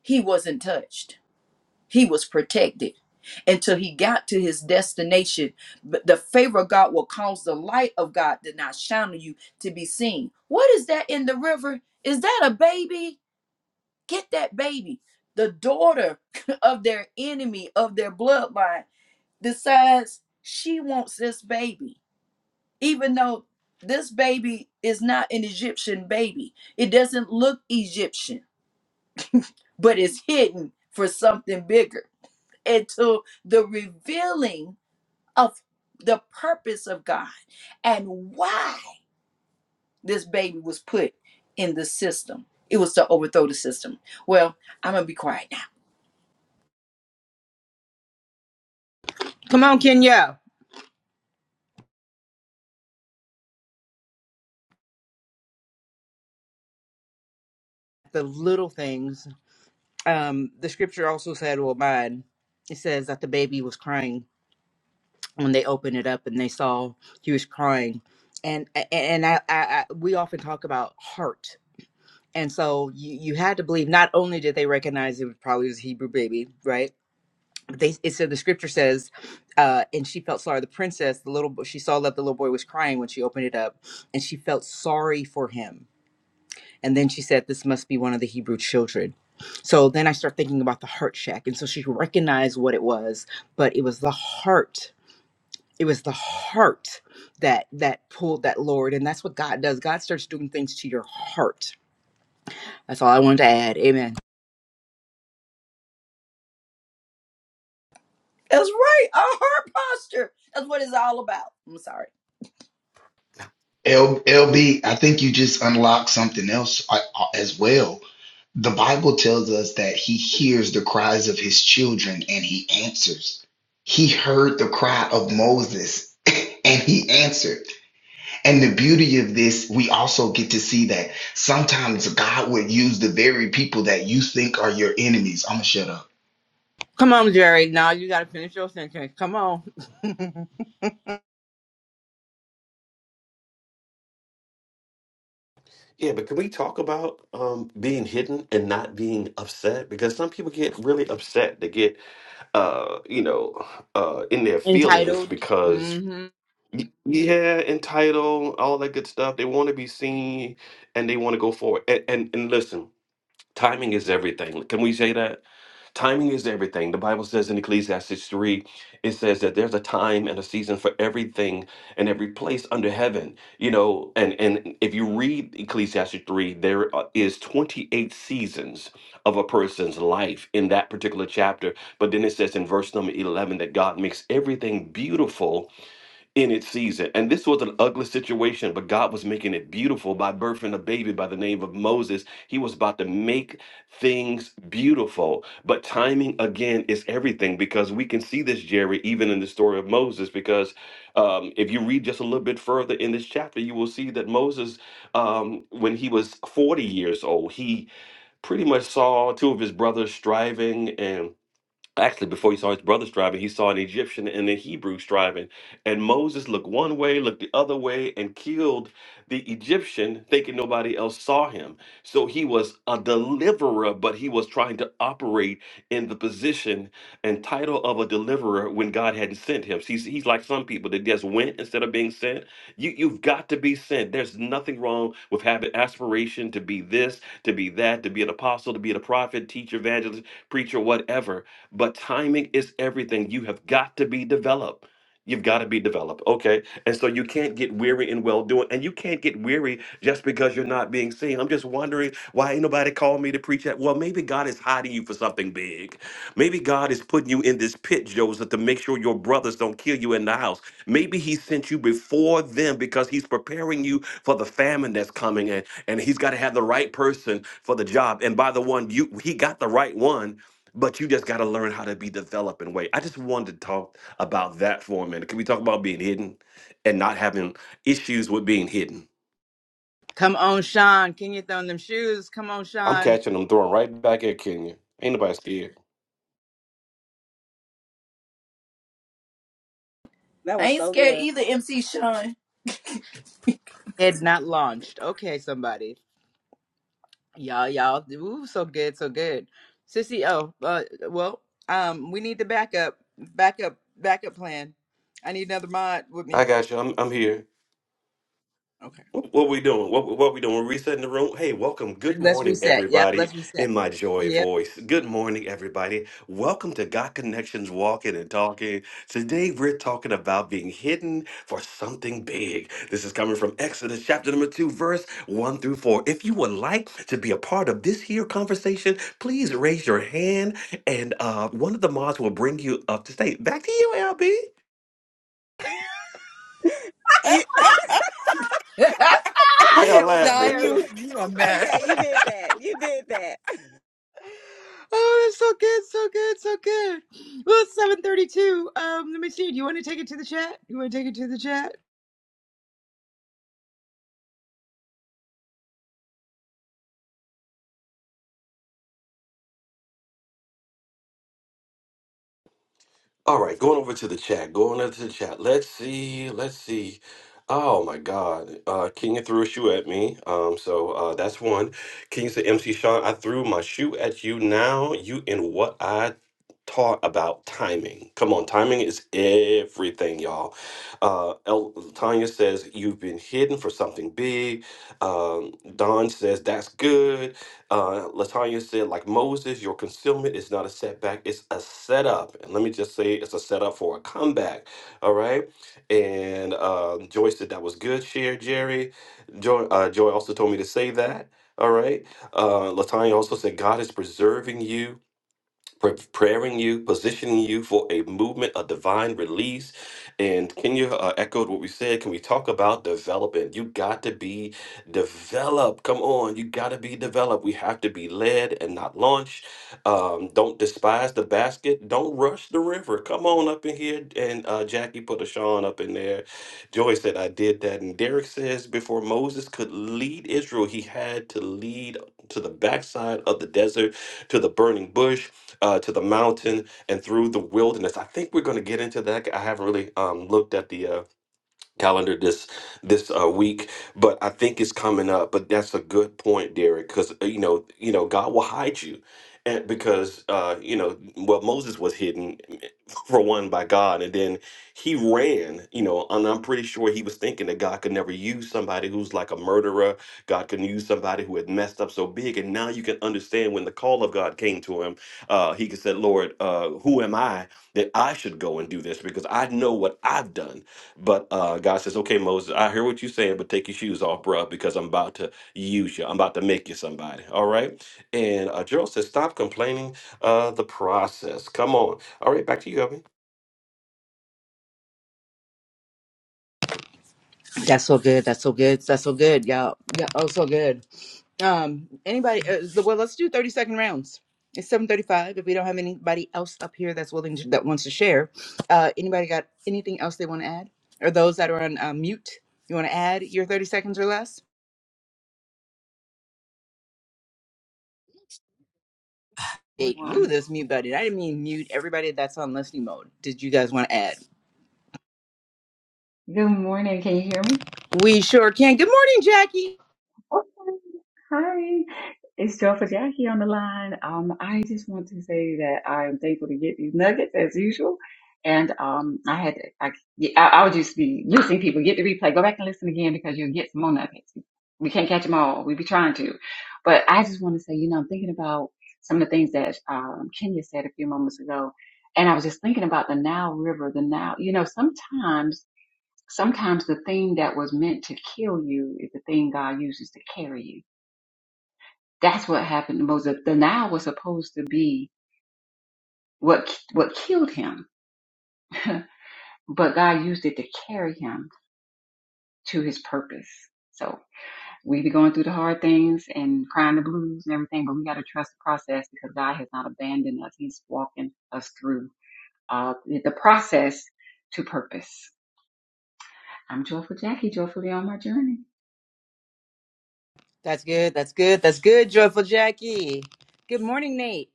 he wasn't touched he was protected until he got to his destination but the favor of god will cause the light of god to not shine on you to be seen what is that in the river is that a baby get that baby the daughter (laughs) of their enemy of their bloodline decides she wants this baby even though this baby is not an Egyptian baby. It doesn't look Egyptian, but it's hidden for something bigger until the revealing of the purpose of God and why this baby was put in the system. It was to overthrow the system. Well, I'm going to be quiet now. Come on, Kenya. the little things. Um, the scripture also said, well, mine, it says that the baby was crying when they opened it up and they saw he was crying. And, a- and I, I, I, we often talk about heart. And so you, you had to believe not only did they recognize it was probably his Hebrew baby, right? But they, it said the scripture says, uh, and she felt sorry. The princess, the little, bo- she saw that the little boy was crying when she opened it up, and she felt sorry for him And then she said, This must be one of the Hebrew children. So then I start thinking about the heart shack. And so she recognized what it was, but it was the heart. It was the heart that that pulled that Lord. And that's what God does. God starts doing things to your heart. That's all I wanted to add. Amen. That's right. Our heart posture. That's what it's all about. I'm sorry. L- LB, I think you just unlocked something else uh, uh, as well The Bible tells us that he hears the cries of his children and he answers. He heard the cry of Moses (laughs) and he answered. And the beauty of this, we also get to see that sometimes God would use the very people that you think are your enemies. I'm going to shut up Come on, Jerry. Now you gotta finish your sentence. Come on. (laughs) Yeah, but can we talk about um, being hidden and not being upset? Because some people get really upset. They get, uh, you know, uh, in their feelings Entitled. because hmm Y- Yeah, entitled, all that good stuff. They want to be seen and they want to go forward. And, and and listen, timing is everything. Can we say that? Timing is everything. The Bible says in Ecclesiastes 3, it says that there's a time and a season for everything and every place under heaven. You know, and and if you read Ecclesiastes 3, there are- is 28 seasons of a person's life in that particular chapter. But then it says in verse number 11 that God makes everything beautiful in its season. And this was an ugly situation, but God was making it beautiful by birthing a baby by the name of Moses. He was about to make things beautiful. But timing, again, is everything because we can see this, Jerry, even in the story of Moses. Because um, if you read just a little bit further in this chapter, you will see that Moses, um, when he was 40 years old, he pretty much saw two of his brothers striving and actually before he saw his brother striving he saw an egyptian and a hebrew striving and moses looked one way looked the other way and killed the egyptian thinking nobody else saw him so he was a deliverer but he was trying to operate in the position and title of a deliverer when god hadn't sent him he's, he's like some people that just went instead of being sent you, you've got to be sent there's nothing wrong with having aspiration to be this to be that to be an apostle to be a prophet teacher evangelist preacher whatever but timing is everything. You have got to be developed. You've got to be developed. Okay. And so you can't get weary in well doing. And you can't get weary just because you're not being seen. I'm just wondering why ain't nobody called me to preach that. Well, maybe God is hiding you for something big. Maybe God is putting you in this pit, Joseph, to make sure your brothers don't kill you in the house. Maybe He sent you before them because He's preparing you for the famine that's coming, and and He's got to have the right person for the job. And by the one, you He got the right one but you just got to learn how to be developed developing way. I just wanted to talk about that for a minute. Can we talk about being hidden and not having issues with being hidden? Come on, Sean. Can you throw in them shoes? Come on, I'm Sean. catching them throwing right back at Kenya. Ain't nobody scared. That I was ain't so scared good. either, MC Sean. (laughs) Head not launched. Okay, somebody. Y'all, y'all, ooh, so good, so good. Sissy, oh, uh, well, um, we need the backup, backup, backup plan. I need another mod with I me. got you. I'm, I'm here. Okay, What, what we doing? What what we doing? We're resetting the room. Hey, welcome. Good let's morning, reset. Yep, everybody. let's reset. In my joy Yep. voice. Good morning, everybody. Welcome to God Connections Walking and Talking. Today we're talking about being hidden for something big. This is coming from Exodus chapter number two, verse one through four. If you would like to be a part of this here conversation, please raise your hand, and uh, one of the mods will bring you up to state. Back to you, LB. You, (laughs) that Why y'all was laughing? Sean, hilarious. you you a mess. okay, you did that. You did that. Oh, that's so good, so good, so good. Well, it's seven thirty-two. Um, let me see. Do you want to take it to the chat? You want to take it to the chat? All right, going over to the chat. Going over to the chat. Let's see. Let's see. Oh my God. Uh King threw a shoe at me. Um, so uh that's one. King said, MC Sean, I threw my shoe at you. Now you in what I taught about timing. Come on, timing is everything, y'all. Uh El Tanya says, You've been hidden for something big. Um, Don says, That's good. Uh, Latanya said, like Moses, your concealment is not a setback, it's a setup. And let me just say, it's a setup for a comeback. All right. And uh, Joy said that was good, share, Jerry. Joy, uh, Joy also told me to say that. All right. Uh, Latanya also said, God is preserving you preparing you, positioning you for a movement, a divine release. And Kenya uh, echoed what we said. Can we talk about developing? You got to be developed. Come on, you got to be developed. We have to be led and not launched. Um, don't despise the basket. Don't rush the river. Come on up in here. And uh, Jackie put a Sean up in there. Joy said, I did that. And Derek says, before Moses could lead Israel, he had to lead to the backside of the desert, to the burning bush uh, to the mountain and through the wilderness. I think we're going to get into that. I haven't really um, looked at the uh, calendar this this uh, week, but I think it's coming up. But that's a good point, Derek, because you know you know God will hide you, and because uh, you know well Moses was hidden (laughs) for one by God, and then he ran. You know, and I'm pretty sure he was thinking that God could never use somebody who's like a murderer. God could use somebody who had messed up so big, and now you can understand when the call of God came to him, uh, he could said, "Lord, uh, who am I that I should go and do this? Because I know what I've done." But uh, God says, okay, Moses, I hear what you're saying, but take your shoes off, bruh, because I'm about to use you. I'm about to make you somebody. All right. And uh, Gerald says, stop complaining uh, the process. Come on. All right. Back to you, Evan. That's so good. That's so good. That's so good. Yeah. Yeah. Oh, so good. Um, anybody? Uh, so- well, let's do thirty second rounds. It's seven thirty five. If we don't have anybody else up here that's willing to, that wants to share, uh, anybody got anything else they want to add? Or those that are on uh, mute, you want to add your thirty seconds or less? Hey, woo, One. this mute button. I didn't mean mute everybody that's on listening mode. Did you guys want to add? Good morning. Can you hear me? We sure can. Good morning, Jackie. Okay. Hi. It's Joyful Jackie on the line. Um, I just want to say that I am thankful to get these nuggets as usual. And um, I had to, I, yeah, I, I would just be listening. People get the replay, go back and listen again because you'll get some more nuggets. We can't catch them all. We be trying to, but I just want to say, you know, I'm thinking about some of the things that um, Kenya said a few moments ago, and I was just thinking about the Nile River. The Nile, you know, sometimes. Sometimes the thing that was meant to kill you is the thing God uses to carry you. That's what happened to Moses. The Nile was supposed to be what what killed him, (laughs) but God used it to carry him to his purpose. So we be going through the hard things and crying the blues and everything, but we got to trust the process because God has not abandoned us. He's walking us through uh, the process to purpose. I'm joyful Jackie, joyfully on my journey. That's good. That's good. That's good. Joyful Jackie. Good morning, Nate.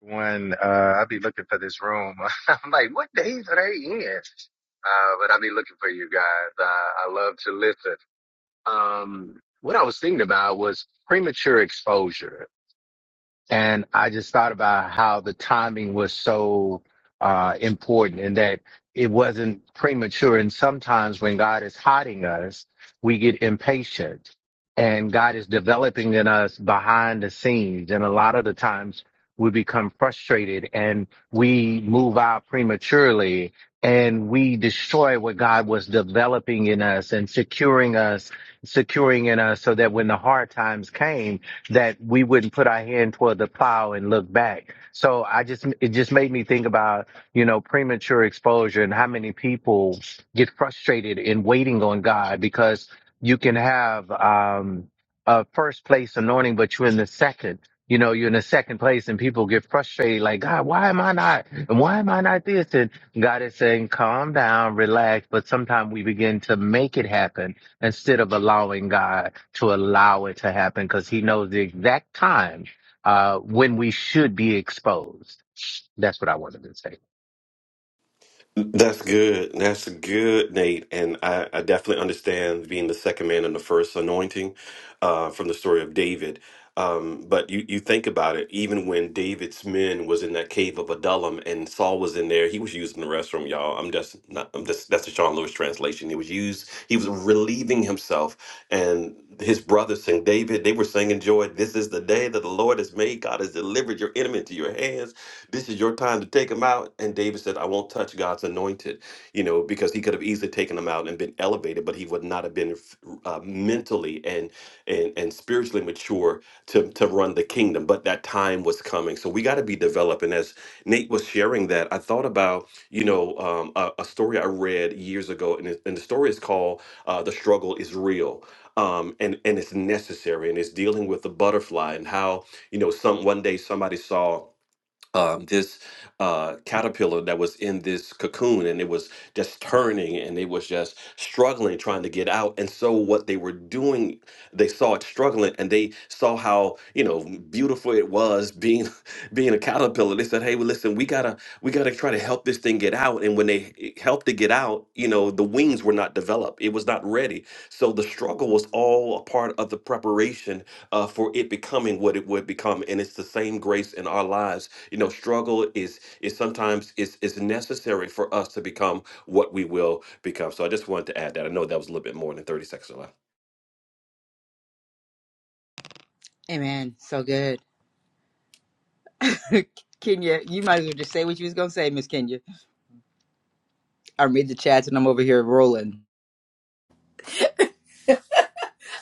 when uh, I be looking for this room. (laughs) I'm like, what days are they in? Uh, but I be looking for you guys. Uh, I love to listen. Um, what I was thinking about was premature exposure and I just thought about how the timing was so uh, important and that it wasn't premature. And sometimes when God is hiding us, we get impatient and God is developing in us behind the scenes. And a lot of the times we become frustrated and we move out prematurely and we destroy what God was developing in us and securing us, securing in us so that when the hard times came, that we wouldn't put our hand toward the plow and look back. So I just, it just made me think about, you know, premature exposure and how many people get frustrated in waiting on God because you can have, um, a first place anointing, but you're in the second. You know, you're in the second place and people get frustrated, like, God, why am I not? And why am I not this? And God is saying, calm down, relax. But sometimes we begin to make it happen instead of allowing God to allow it to happen because he knows the exact time uh, when we should be exposed. That's what I wanted to say. That's good. That's good, Nate. And I, I definitely understand being the second man in the first anointing uh, from the story of David. Um, but you, you think about it, even when David's men was in that cave of Adullam and Saul was in there, he was using the restroom, y'all. I'm just not, I'm just, that's the Sean Lewis translation. He was used, he was relieving himself and his brothers sang David, they were singing joy. This is the day that the Lord has made. God has delivered your enemy into your hands this is your time to take them out. And David said, I won't touch God's anointed, you know, because he could have easily taken them out and been elevated, but he would not have been uh, mentally and, and and spiritually mature to, to run the kingdom. But that time was coming. So we got to be developed. And as Nate was sharing that, I thought about, you know, um, a, a story I read years ago. And, it, and the story is called uh, The Struggle is Real. Um, and, and it's necessary. And it's dealing with the butterfly and how, you know, some one day somebody saw um, this uh, caterpillar that was in this cocoon and it was just turning and it was just struggling trying to get out and so what they were doing they saw it struggling and they saw how you know beautiful it was being (laughs) being a caterpillar they said hey well listen we gotta we gotta try to help this thing get out and when they h- helped it get out you know the wings were not developed it was not ready so the struggle was all a part of the preparation uh, for it becoming what it would become and it's the same grace in our lives you know, struggle is is sometimes is is necessary for us to become what we will become. So I just wanted to add that. I know that was a little bit more than thirty seconds left. Amen. So good. (laughs) Kenya, you might as well just say what you was gonna say, Miss Kenya. I read the chats and I'm over here rolling.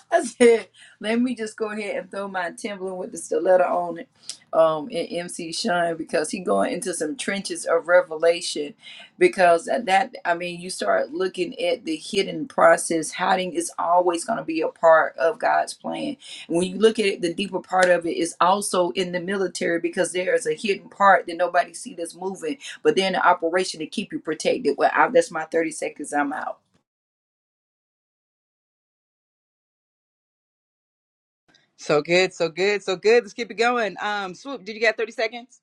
(laughs) I said, let me just go ahead and throw my Timberland with the stiletto on it um, in MC Shine because he going into some trenches of revelation because at that, I mean, you start looking at the hidden process. Hiding is always going to be a part of God's plan. When you look at it, the deeper part of it is also in the military because there is a hidden part that nobody see that's moving, but they're in the operation to keep you protected. Well, I, that's my 30 seconds. I'm out. (laughs) So good, so good, so good. Let's keep it going. Um, swoop, did you got 30 seconds?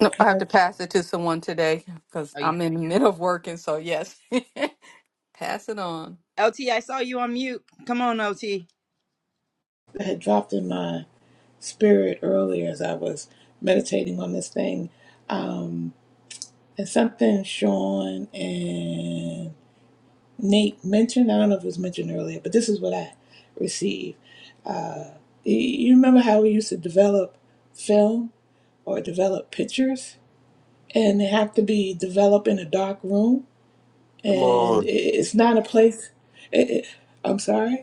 No, I have I to pass it to someone today because Are you I'm in the middle of working. So yes, (laughs) pass it on. LT? I saw you on mute. Come on, LT. had dropped in my spirit earlier as I was meditating on this thing. Um, and something Sean and Nate mentioned, I don't know if it was mentioned earlier, but this is what I received. Y- You remember how we used to develop film or develop pictures? And they have to be developed in a dark room. Come And i- on, it's not a place. It, it, I'm sorry?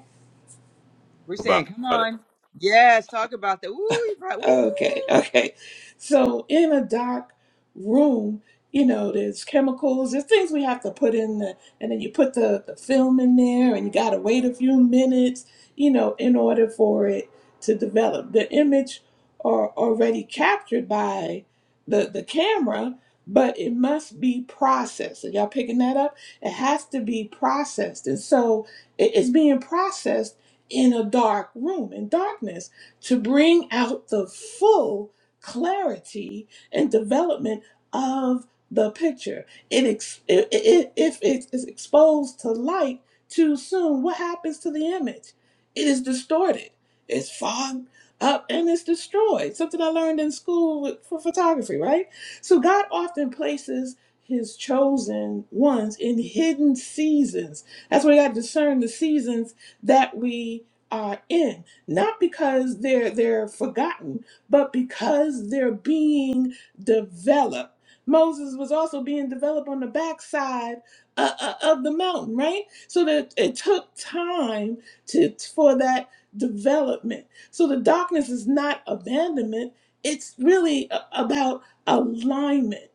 We're saying, about come it. on. Yes, talk about that. Woo, you brought Okay, woo, okay. So in a dark room, you know, there's chemicals, there's things we have to put in the, and then you put the, the film in there and you gotta wait a few minutes, you know, in order for it to develop. The image are already captured by the the camera, but it must be processed. Are y'all picking that up? It has to be processed. And so it- it's being processed in a dark room, in darkness to bring out the full clarity and development of the picture. It ex- it i- if it is exposed to light too soon, what happens to the image? It is distorted. It's fogged up and it's destroyed. Something I learned in school with, for photography, right? So God often places his chosen ones in hidden seasons. That's why we got to discern the seasons that we are in not because they're they're forgotten, but because they're being developed. Moses was also being developed on the backside uh, uh, of the mountain, right? So that it took time to for that development. So the darkness is not abandonment; it's really a- about alignment.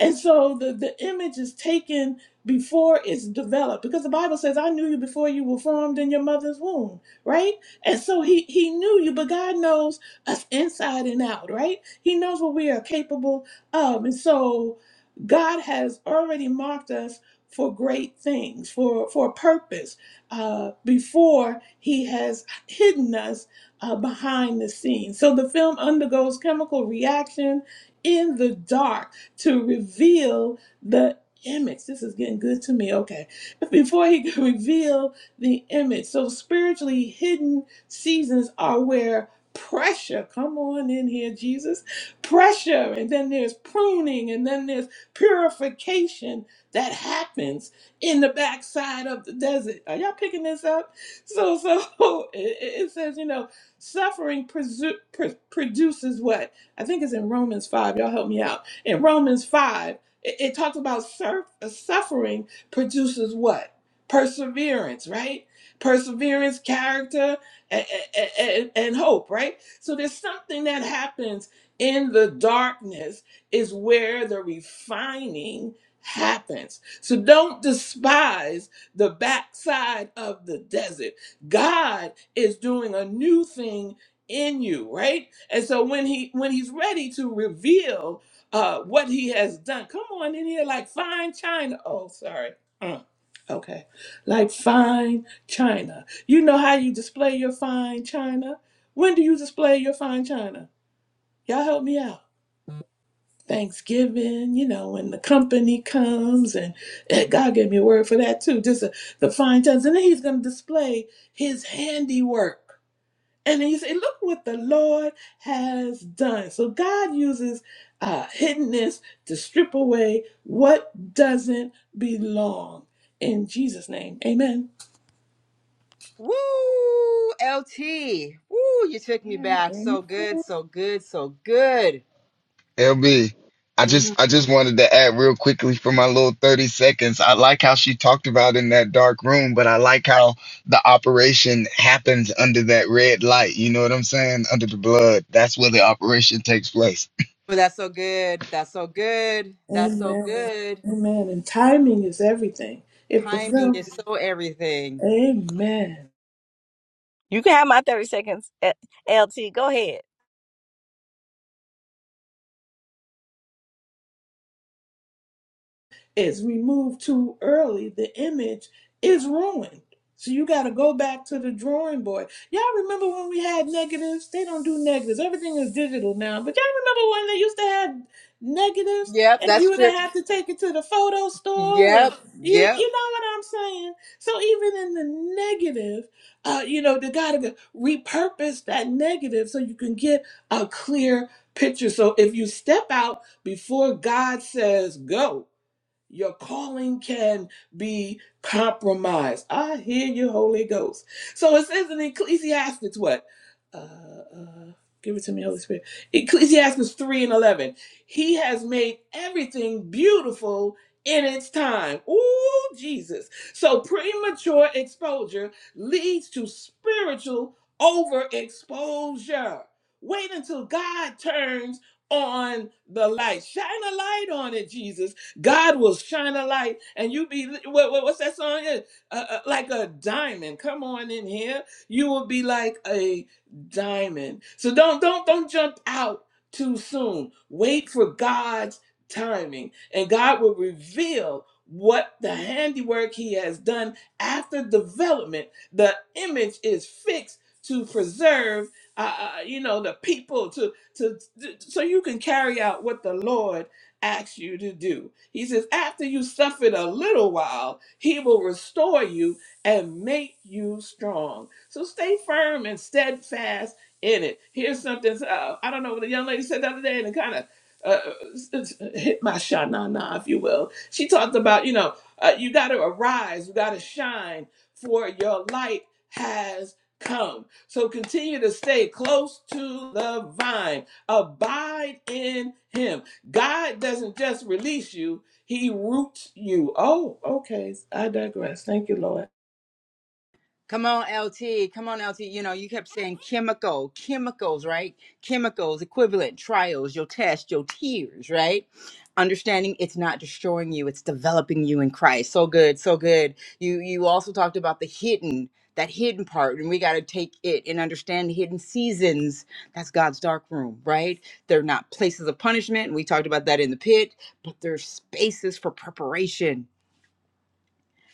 And so the the image is taken before it's developed because the bible says i knew you before you were formed in your mother's womb right and so he he knew you, but God knows us inside and out, right? He knows what we are capable of. And so God has already marked us for great things, for for a purpose, uh, before he has hidden us uh, behind the scenes. So the film undergoes chemical reaction in the dark to reveal the image. This is getting good to me. Okay. (laughs) Before he could reveal the image. So spiritually hidden Seasons are where pressure, come on in here, Jesus, pressure, and then there's pruning, and then there's purification that happens in the backside of the desert. Are y'all picking this up? So, so (laughs) it, it it says, you know, suffering presu- pr- produces what? I think it's in Romans 5. Y'all help me out. In Romans 5, it, it talks about surf, uh, suffering produces what? Perseverance, right? Perseverance, character, and, and, and hope, right? So there's something that happens in the darkness is where the refining happens. So don't despise the backside of the desert. God is doing a new thing in you, right? And so when he when he's ready to reveal uh what he has done, come on in here like fine china. Oh, sorry. Mm, okay. Like fine china. You know how you display your fine china? When do you display your fine china? Y'all help me out. Thanksgiving, you know, when the company comes, and, and God gave me a word for that too. Just uh, the fine china, and then He's going to display His handiwork. And then you say, "Look what the Lord has done." So God uses uh, hiddenness to strip away what doesn't belong. In Jesus' name, Amen. woo, LT. Woo, you took me Yeah, back. and So good, so good, so good. LB, I hmm just I just wanted to add real quickly for my little 30 seconds. I like how she talked about in that dark room, but I like how the operation happens under that red light. You know what I'm saying? Under the blood. That's where the operation takes place. But That's so good. That's so good. That's so Amen. good. Amen. And timing is everything. If the Timing film, is so everything. Amen. is removed too early, the image is ruined. So you got to go back to the drawing board. Y'all remember when we had negatives? They don't do negatives. Everything is digital now. But y'all remember when they used to have negatives Yep, and that's you would strip. have to take it to the photo store and Yep, you yep. you know what I'm saying? So even in the negative, uh, you know, they gotta repurpose that negative so you can get a clear picture. So if you step out before God says go, your calling can be compromised. I hear you, Holy Ghost. So it says in Ecclesiastes what? Uh, uh, give it to me, Holy Spirit. Ecclesiastes 3 and 11. He has made everything beautiful in its time. Ooh, Jesus. So premature exposure leads to spiritual overexposure. Wait until God turns on the light. Shine a light on it, Jesus God will shine a light, and you be what, what- what's that song? Yeah, Uh, uh, like a diamond. Come on in here. You will be like a diamond. So don't don't don't jump out too soon. Wait for God's timing, and God will reveal what the handiwork He has done after development. The image is fixed to preserve, uh, uh, you know, the people to to to- so you can carry out what the Lord asks you to do. He says, After you suffered a little while, he will restore you and make you strong. So stay firm and steadfast in it. Here's something uh, I don't know what the young lady said the other day, and it kind of uh, s- s- hit my shanana, if you will. She talked about, you know, uh, you got to arise, you got to shine, for your light has come. So continue to stay close to the vine, abide in him. God doesn't just release you, He roots you. Oh, okay. I digress. Thank you, Lord. Come on, LT. Come on, LT. You know, you kept saying chemical, chemicals, right? Chemicals, equivalent, trials, your test, your tears, right? Understanding it's not destroying you, it's developing you in Christ. So good, so good. You you also talked about the hidden, that hidden part, and we gotta take it and understand the hidden seasons. That's God's dark room, right? They're not places of punishment. We talked about that in the pit, but they're spaces for preparation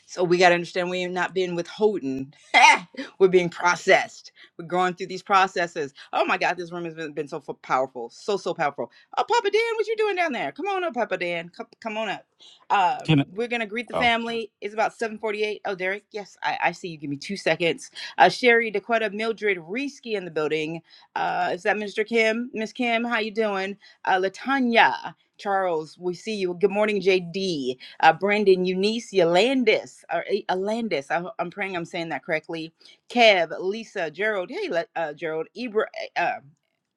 So we got to understand we are not being withholding. (laughs) We're being processed. We're going through these processes. Oh my God, this room has been, been so f- powerful. So, so powerful. Oh, Papa Dan, what you doing down there? Come on up, Papa Dan. Come, come on up. Uh, Can I, we're going to greet the oh family. It's about 748. Oh, Derek, yes, I, I see you. Give me two seconds. Uh, Sherry, Dakota, Mildred, Reski in the building. Uh, is that Mr. Kim? Miss Kim, how you doing? Uh, Latanya, Charles, we see you. Good morning, JD uh, Brandon Eunice Yolandis, or E- Alandis. I, am praying I'm saying that correctly. Kev, Lisa, Gerald. Hey, uh, Gerald. Ibra, uh,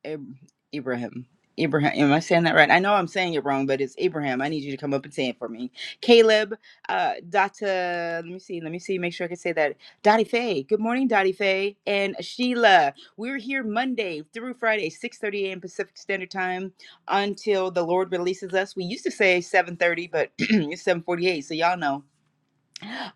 Ab- Ibrahim. Ibrahim, am I saying that right? I know I'm saying it wrong, but it's Abraham. I need you to come up and say it for me. Caleb, uh, Data, let me see, let me see, make sure I can say that. Dottie Faye, good morning, Dottie Faye, and Sheila. We're here Monday through Friday, 6:30 a.m. Pacific Standard Time until the Lord releases us. We used to say 7:30, but (clears throat) it's 7:48, so y'all know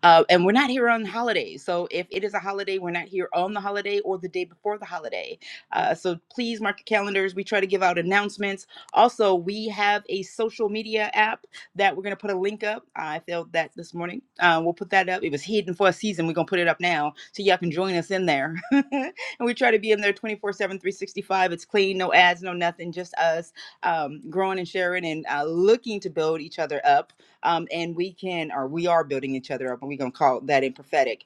uh, and we're not here on holidays. So if it is a holiday, we're not here on the holiday or the day before the holiday. Uh, so please mark your calendars. We try to give out announcements. Also, we have a social media app that we're going to put a link up. I felt that this morning. Uh, we'll put that up. It was hidden for a season. We're going to put it up now so y'all can join us in there. (laughs) and we try to be in there twenty four seven, three sixty five. It's clean, no ads, no nothing, just us um, growing and sharing and uh, looking to build each other up um, and we can or we are building each other up and we're going to call that in prophetic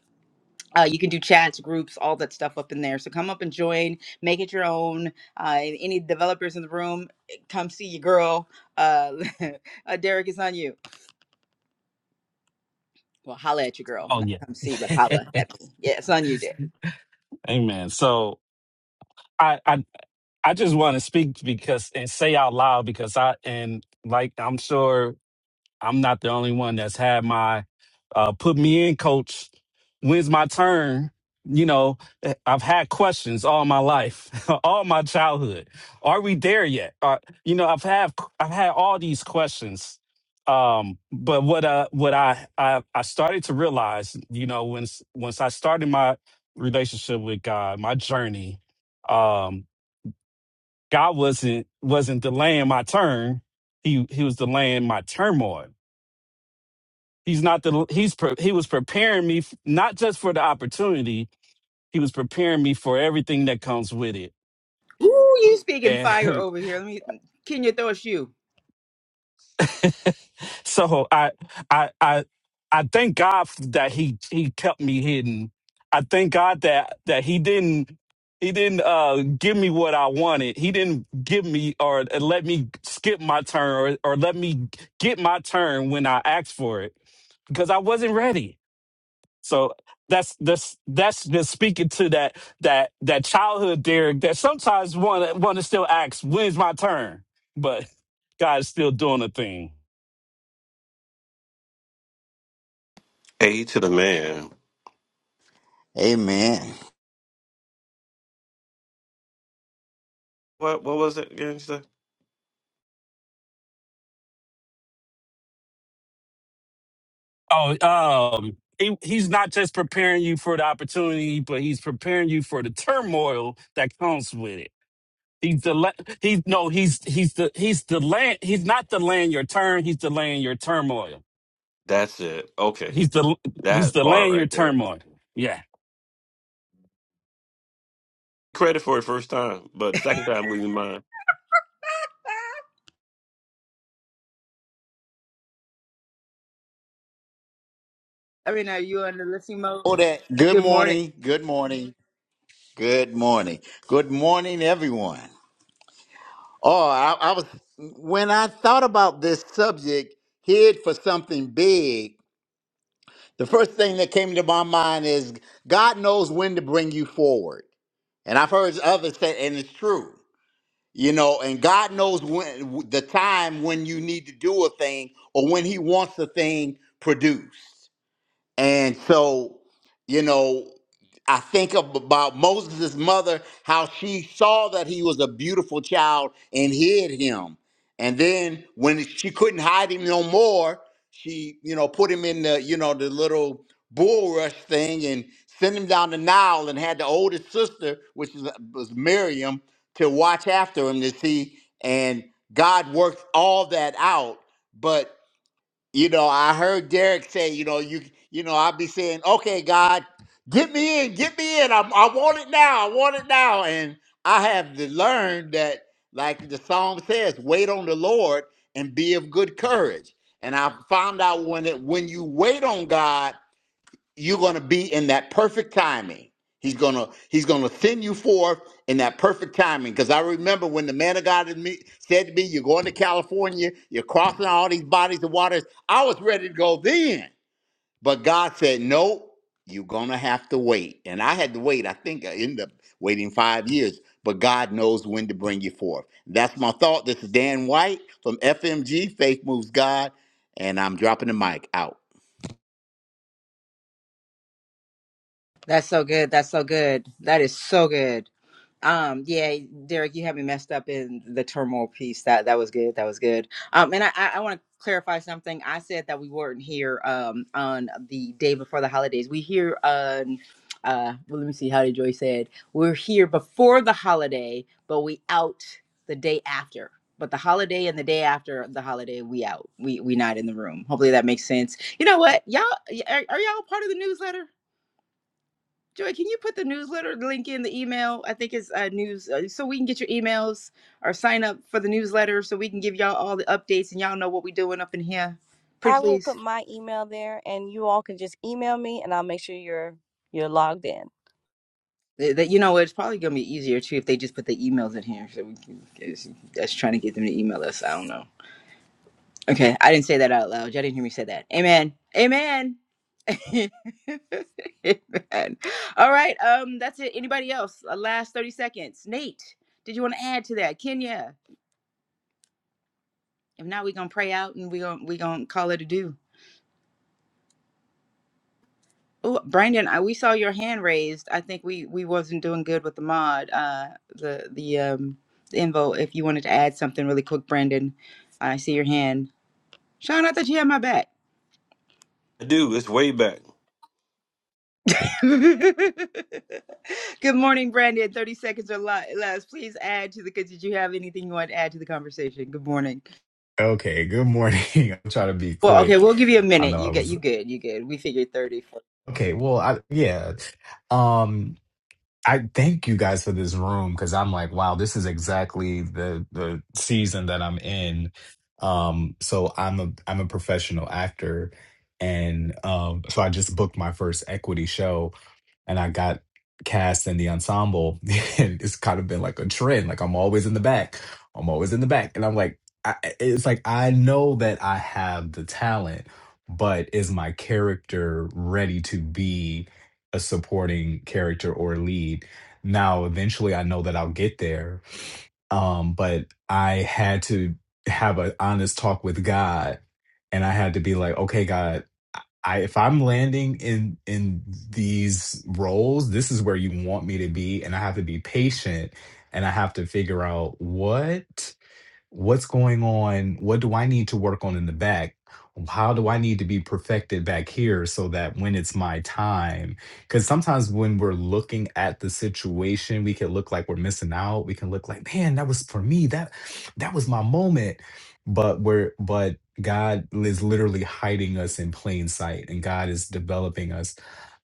uh, you can do chats groups all that stuff up in there so come up and join make it your own uh, and any developers in the room eh, come see your girl uh, (laughs) uh derek it's on you well holla at your girl oh not yeah. come see but holla at me yeah it's on you derek (laughs) Amen. So I I I just want to speak because and say out loud because I and like I'm sure I'm not the only one that's had my uh, put me in, coach. When's my turn? You know, eh, I've had questions all my life, (laughs) all my childhood. Are we there yet? Uh, you know, I've had I've had all these questions. Um, but what uh what I, I I started to realize, you know, once once I started my relationship with God, my journey, um, God wasn't wasn't delaying my turn. He he was delaying my turmoil He's not the he's pre- he was preparing me f- not just for the opportunity, he was preparing me for everything that comes with it. Ooh, you speaking fire And over here let me kenya throw a shoe (laughs) so I I I I thank God that he he kept me hidden. I thank God that that he didn't he didn't uh give me what I wanted. He didn't give me or uh, let me skip my turn or or let me get my turn when I asked for it because I wasn't ready. So that's that's that's just speaking to that that that childhood Derek that sometimes one one still asks, when's my turn? But God is still doing a thing. A to the man. Amen. What what was it again? you said? Oh, um, he, he's not just preparing you for the opportunity, but he's preparing you for the turmoil that comes with it. He's the he's no he's he's the he's delaying he's not delaying your turn. He's delaying your turmoil. That's it. Okay, He's the he's that part delaying your right there. turmoil. Yeah. Credit for it first time, but second time we mind. i mean are you on the listening mode Oh, that. Good good morning morning. Good morning. Good morning. Good morning, everyone. Oh, I, I was when I thought about this subject, hid for something big. The first thing that came to my mind is God knows when to bring you forward, and I've heard others say, and it's true. You know, and God knows when the time when you need to do a thing or when He wants the thing produced. And so, you know, I think ab- about Moses' mother, how she saw that he was a beautiful child and hid him. And then when she couldn't hide him no more, she, you know, put him in the, you know, the little bulrush thing and sent him down the Nile and had the oldest sister, which is, was Miriam, to watch after him to see. And God worked all that out. but. You know, I heard Derek say, you know, you you know, I'll be saying, okay, God, get me in, get me in. I, I want it now. I want it now. And I have to learn that, like the song says, wait on the Lord and be of good courage. And I found out when it when you wait on God, you're going to be in that perfect timing. He's going to he's going to send you forth in that perfect timing because I remember when the man of God in me, said to me, "You're going to California. You're crossing all these bodies of waters." I was ready to go then, but God said, "No, you're going to have to wait." And I had to wait. I think I ended up waiting five years, but God knows when to bring you forth. That's my thought. This is Dan White from FMG Faith Moves God, and I'm dropping the mic out. That's so good. That's so good. That is so good. Um, yeah, Derek, you had me messed up in the turmoil piece. That that was good. That was good. Um, and I I, I want to clarify something. I said that we weren't here um on the day before the holidays. We here on uh well, let me see how did Joy said we're here before the holiday, but we out the day after. But the holiday and the day after the holiday, we out. We we not in the room. Hopefully that makes sense. You know what, y'all are, are y'all part of the newsletter? Joy, can you put the newsletter link in the email? I think it's uh, news, uh, so we can get your emails or sign up for the newsletter, so we can give y'all all the updates and y'all know what we're doing up in here. Pretty please. Th- That you know, it's probably gonna be easier too if they just put the emails in here. So we can, it's- that's trying to get them to email us. I don't know. Okay, I didn't say that out loud. Y'all didn't hear me say that. Amen. Amen. (laughs) Amen. All right. Um, that's it. Anybody else? Uh, last thirty seconds. Nate, did you want to add to that? Kenya. If not, we're gonna pray out and we're gonna we gonna call it a do. Oh, Brandon, I, we saw your hand raised. I think we we wasn't doing good with the mod, uh, the the um the invo. If you wanted to add something really quick, Brandon, I see your hand. Sean, I thought you had my back. I do. It's way back. (laughs) good morning, Brandon. Thirty seconds or li- less. Please add to the. Cause Did you have anything you want to add to the conversation? Good morning. Okay, good morning. (laughs) I'm trying to be Well, okay, quick. we'll give you a I minute. know You I get was you good. You good. We figured thirty. okay. Well, I yeah. Um I thank you guys for this room because I'm like, wow, this is exactly the the season that I'm in. Um so I'm a I'm a professional actor and um so I just booked my first equity show and I got cast in the ensemble, (laughs) and it's kind of been like a trend. Like I'm always in the back. I'm always in the back, and I'm like, I, it's like I know that I have the talent, but is my character ready to be a supporting character or lead? Now, eventually, I know that I'll get there, um, but I had to have an honest talk with God, and I had to be like, okay, God, I if I'm landing in in these roles, this is where you want me to be, and I have to be patient, and I have to figure out what what's going on what do i need to work on in the back how do i need to be perfected back here so that when it's my time because sometimes when we're looking at the situation we can look like we're missing out we can look like man that was for me that that was my moment but we're but god is literally hiding us in plain sight and god is developing us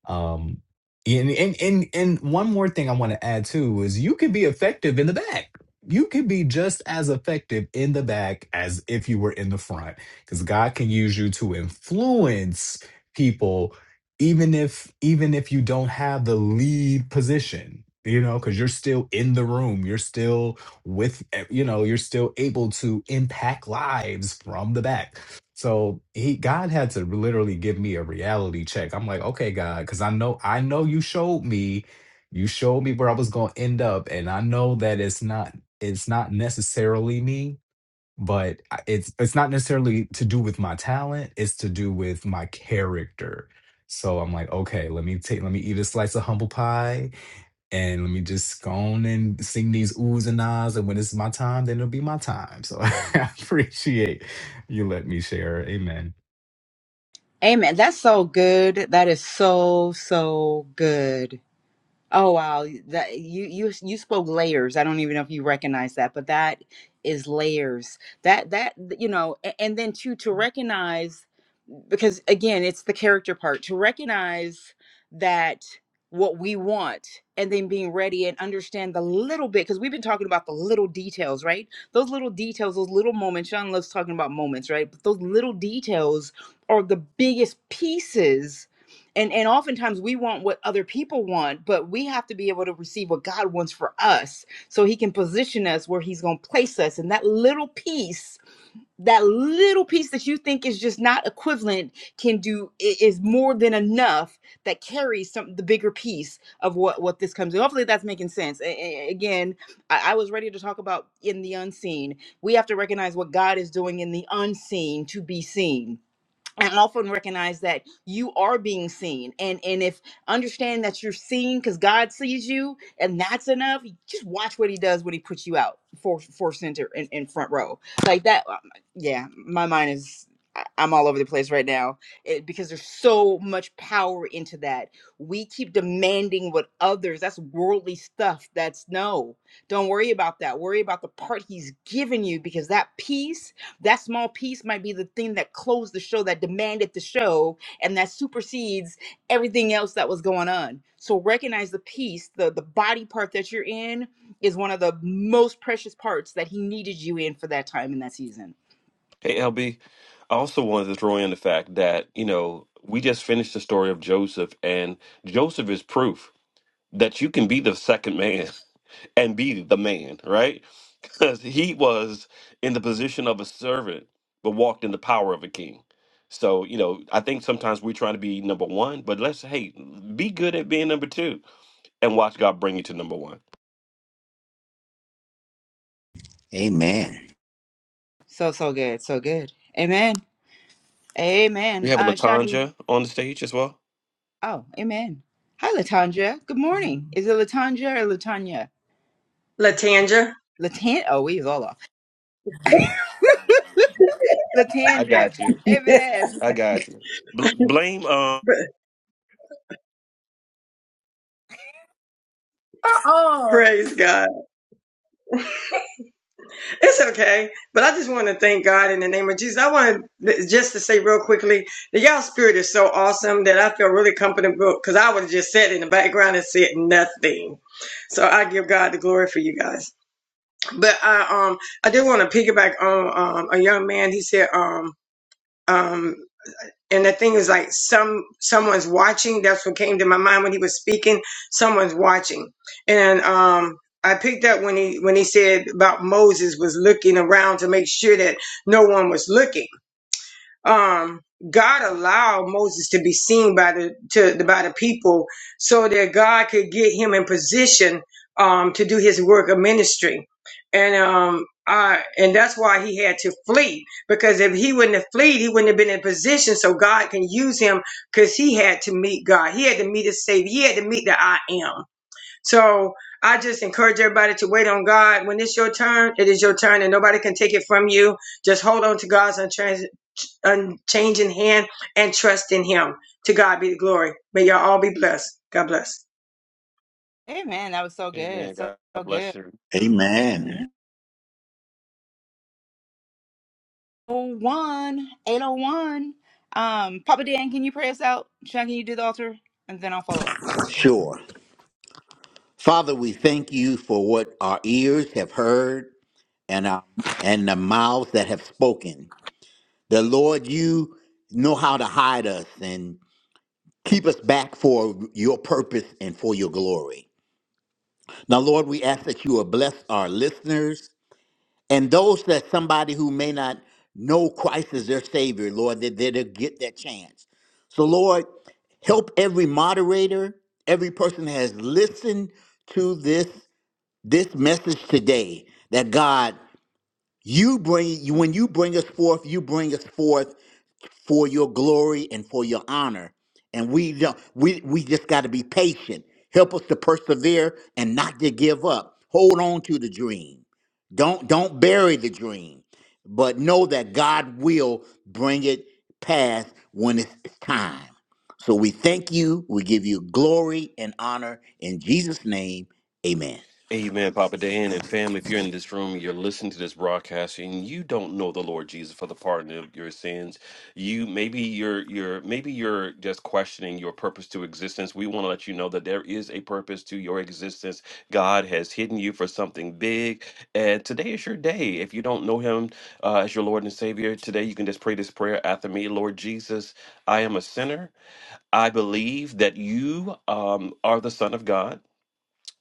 um, yeah, and and and and one more thing I want to add too is you could be effective in the back. You could be just as effective in the back as if you were in the front, because God can use you to influence people, even if even if you don't have the lead position. You know, because you're still in the room, you're still with, eh, you know, you're still able to impact lives from the back. So he God had to literally give me a reality check. I'm like, okay, God, because I know I know you showed me, you showed me where I was gonna end up, and I know that it's not it's not necessarily me but I- it's it's not necessarily to do with my talent it's to do with my character so i'm like okay let me take let me eat a slice of humble pie and let me just go on and sing these oohs and ahs and when it's my time then it'll be my time so (laughs) i appreciate you let me share amen Amen. That's so good. That is so, so good. Oh wow, that you you you spoke layers. I don't even know if you recognize that, but that is layers. That that you know, a- and then to to recognize because again, it's the character part. To recognize that what we want and then being ready and understand the little bit because we've been talking about the little details, right? Those little details, those little moments. Sean loves talking about moments, right? But those little details are the biggest pieces and and oftentimes we want what other people want but we have to be able to receive what god wants for us so he can position us where he's going to place us and that little piece that little piece that you think is just not equivalent can do is more than enough that carries some the bigger piece of what what this comes in hopefully that's making sense A- a- again I, I was ready to talk about in the unseen we have to recognize what god is doing in the unseen to be seen and often recognize that you are being seen and and if understand that you're seen because god sees you and that's enough You just watch what he does when he puts you out for for center in, in front row like that um, yeah my mind is I- i'm all over the place right now it, because there's so much power into that we keep demanding what others that's worldly stuff that's no don't worry about that worry about the part he's given you because that peace that small piece might be the thing that closed the show that demanded the show and that supersedes everything else that was going on so recognize the piece the the body part that you're in is one of the most precious parts that he needed you in for that time in that season Hey LB, I also wanted to throw in the fact that you know we just finished the story of Joseph, and Joseph is proof that you can be the second man. (laughs) and be the man, right? (laughs) Because he was in the position of a servant, but walked in the power of a king. So, you know, I think sometimes we're trying to be number one, but let's, hey, be good at being number two and watch God bring you to number one. Amen. so so good so good amen We amen have uh shiny Latanja on the stage as well. oh amen hi latanja good morning is it latanja or latanya Latanja. latan oh we is all off I latanja got you. amen I got you. Bl- blame. Um, (laughs) Uh-uh. Praise God. It's okay. But I just want to thank God in the name of Jesus. I want to just to say real quickly that y'all spirit is so awesome that I feel really comfortable because I would have just sat in the background and said nothing. So I give God the glory for you guys. But I um I did want to piggyback on um a young man. He said um um And the thing is like some someone's watching. That's what came to my mind when he was speaking. Someone's watching. And um I picked up when he when he said about Moses was looking around to make sure that no one was looking um God allowed Moses to be seen by the to the, by the people so that God could get him in position um to do his work of ministry. And um I and that's why he had to flee because if he wouldn't have fled, he wouldn't have been in position so God can use him cuz he had to meet God. He had to meet his savior. He had to meet the I am. So I just encourage everybody to wait on God. When it's your turn, it is your turn and nobody can take it from you. Just hold on to God's unchanging unchanging hand and trust in him. To God be the glory. May y'all all be blessed. God bless. amen that was so good Amen. so, God so good bless you. Mm-hmm. Amen. 801, 801. Um, Papa Dan, can you pray us out? Sean, can you do the altar? And then I'll follow up. Sure. Father, we thank you for what our ears have heard and our and the mouths that have spoken. The Lord, you know how to hide us and keep us back for your purpose and for your glory. Now, Lord, we ask that you will bless our listeners and those that somebody who may not know Christ as their Savior, Lord, that they'll get that chance. So, Lord, help every moderator, every person that has listened to this this message today that God, you bring you when you bring us forth, you bring us forth for your glory and for your honor. And we don't we we just got to be patient. Help us to persevere and not to give up. Hold on to the dream. Don't don't bury the dream, but know that God will bring it past when it's it's time. So we thank you. We give you glory and honor in Jesus' name. Amen. Amen, Papa Dan and family. If you're in this room, you're listening to this broadcast, and you don't know the Lord Jesus for the pardon of your sins. You maybe you're you're maybe you're just questioning your purpose to existence. We want to let you know that there is a purpose to your existence. God has hidden you for something big, and today is your day. If you don't know Him uh, as your Lord and Savior, today you can just pray this prayer after me. Lord Jesus, I am a sinner. I believe that you um, are the Son of God.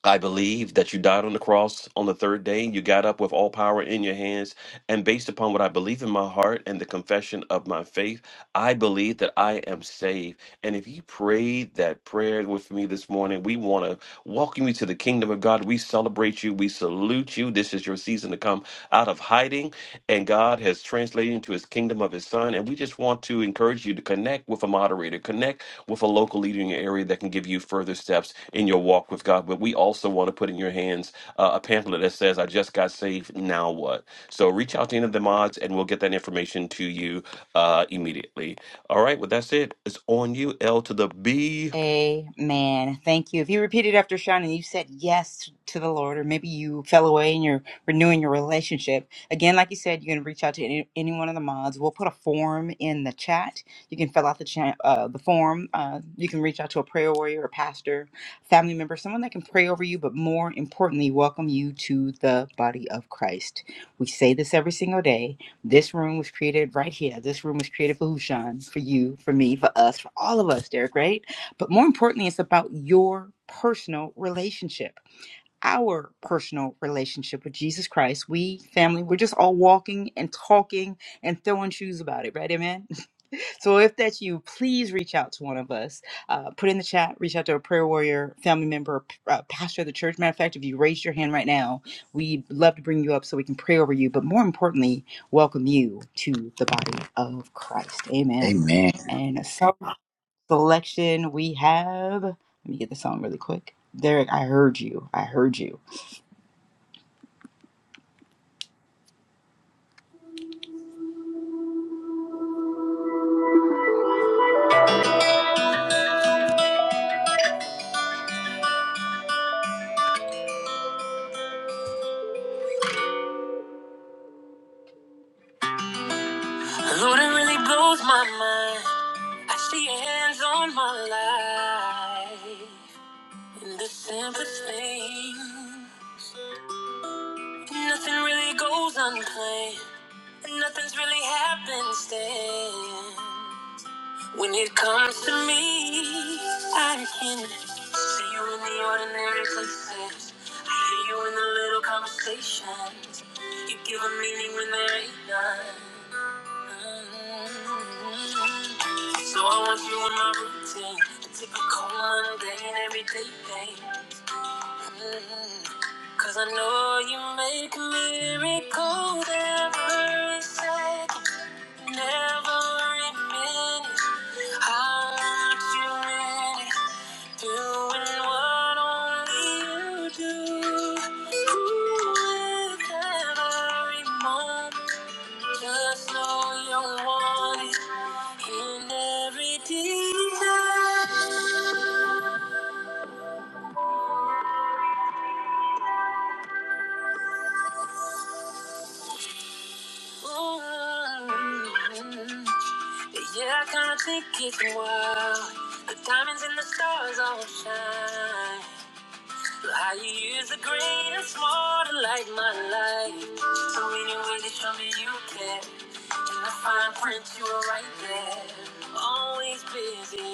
I believe that you died on the cross on the third day and you got up with all power in your hands and based upon what I believe in my heart and the confession of my faith, I believe that I am saved. And if you prayed that prayer with me this morning, we want to welcome you to the kingdom of God. We celebrate you. We salute you. This is your season to come out of hiding. And God has translated into his kingdom of his son. And we just want to encourage you to connect with a moderator, connect with a local leader in your area that can give you further steps in your walk with God. But we also want to put in your hands uh, a pamphlet that says, I just got saved. Now what? So reach out to any of the mods and we'll get that information to you uh, immediately. All right, well, that's it. It's on you, L to the B. Amen. Thank you. If you repeated after Sean and you said yes to the Lord, or maybe you fell away and you're renewing your relationship, again, like you said, you can reach out to any, any one of the mods. We'll put a form in the chat. You can fill out the chat, uh, the form. Uh, you can reach out to a prayer warrior, a pastor, family member, someone that can pray over you, but more importantly, welcome you to the body of Christ. We say this every single day. This room was created right here. This room was created for Hushan, for you, for me, for us, for all of us, Derek, right? But more importantly, it's about your personal relationship, our personal relationship with Jesus Christ. We, family, we're just all walking and talking and throwing shoes about it, right? Amen. (laughs) So if that's you, please reach out to one of us. Uh, put in the chat, reach out to a prayer warrior, family member, p- uh, pastor of the church. Matter of fact, if you raise your hand right now, we'd love to bring you up so we can pray over you. But more importantly, welcome you to the body of Christ. Amen. Amen. And so selection we have. Let me get the song really quick. Derek, I heard you. I heard you. Lord, it really blows my mind. I see your hands on my life. In the simplest thing, nothing really goes unplanned. and Nothing's really happened When it comes to me, I can see you in the ordinary places. I hear you in the little conversations. You give a meaning when there ain't none. Mm. So I want you in my routine, the typical mundane everyday thing. Mm. Cause I know you make miracles every second, and every minute. I want you in it, doing what only you do. Ooh, with every moment, just know you want it in every detail. Ooh, yeah, I kinda think it's wild. The diamonds and the stars all shine. How you use the green and small to light my life. So many ways to show me you care. In the fine print, you were right there. Always busy,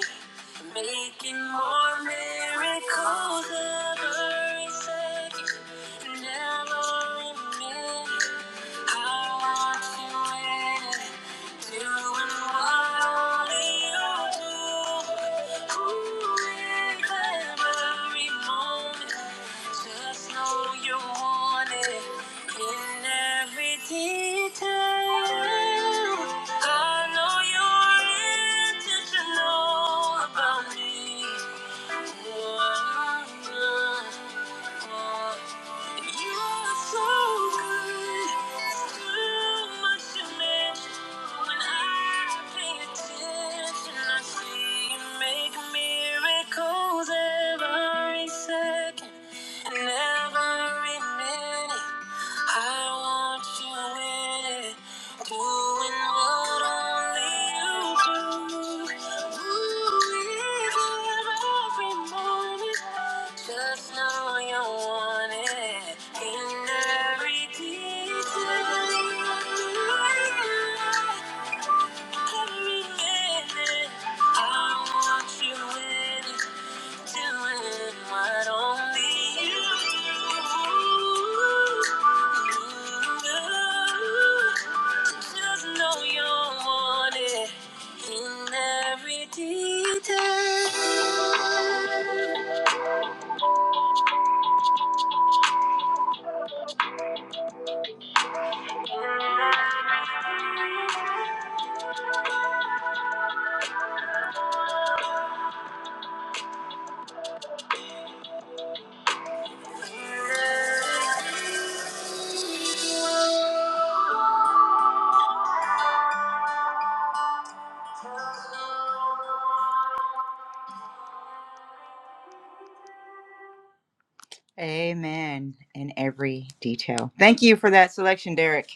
making more miracles every second. Never a minute. I want you in it. Doing what only you do. Ooh, with every moment, just know you want it in every detail. I know you're intentional about me. Miracles every second and every minute. I want you in it, doing what only you do. Ooh, even every moment, just know you want it in every detail. Every minute, I want you in it. Amen. In every detail. Thank you for that selection, Derek.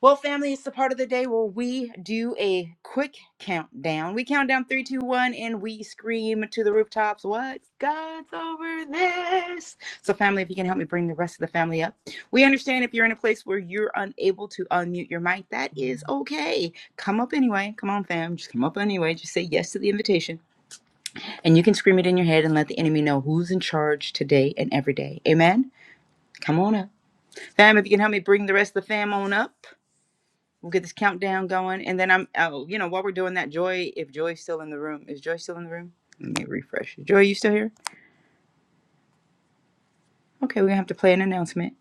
Well, family, it's the part of the day where we do a quick countdown. We count down three, two, one, and we scream to the rooftops, What God's over this? So, family, if you can help me bring the rest of the family up. We understand if you're in a place where you're unable to unmute your mic, that is okay. Come up anyway. Come on, fam. Just come up anyway. Just say yes to the invitation. And you can scream it in your head and let the enemy know who's in charge today and every day. Amen? Come on up. Fam, if you can help me bring the rest of the fam on up. We'll get this countdown going, and then I'm. Oh, you know, while we're doing that, Joy, if Joy's still in the room, is Joy still in the room? Let me refresh. Joy, you still here? Okay, we're gonna have to play an announcement.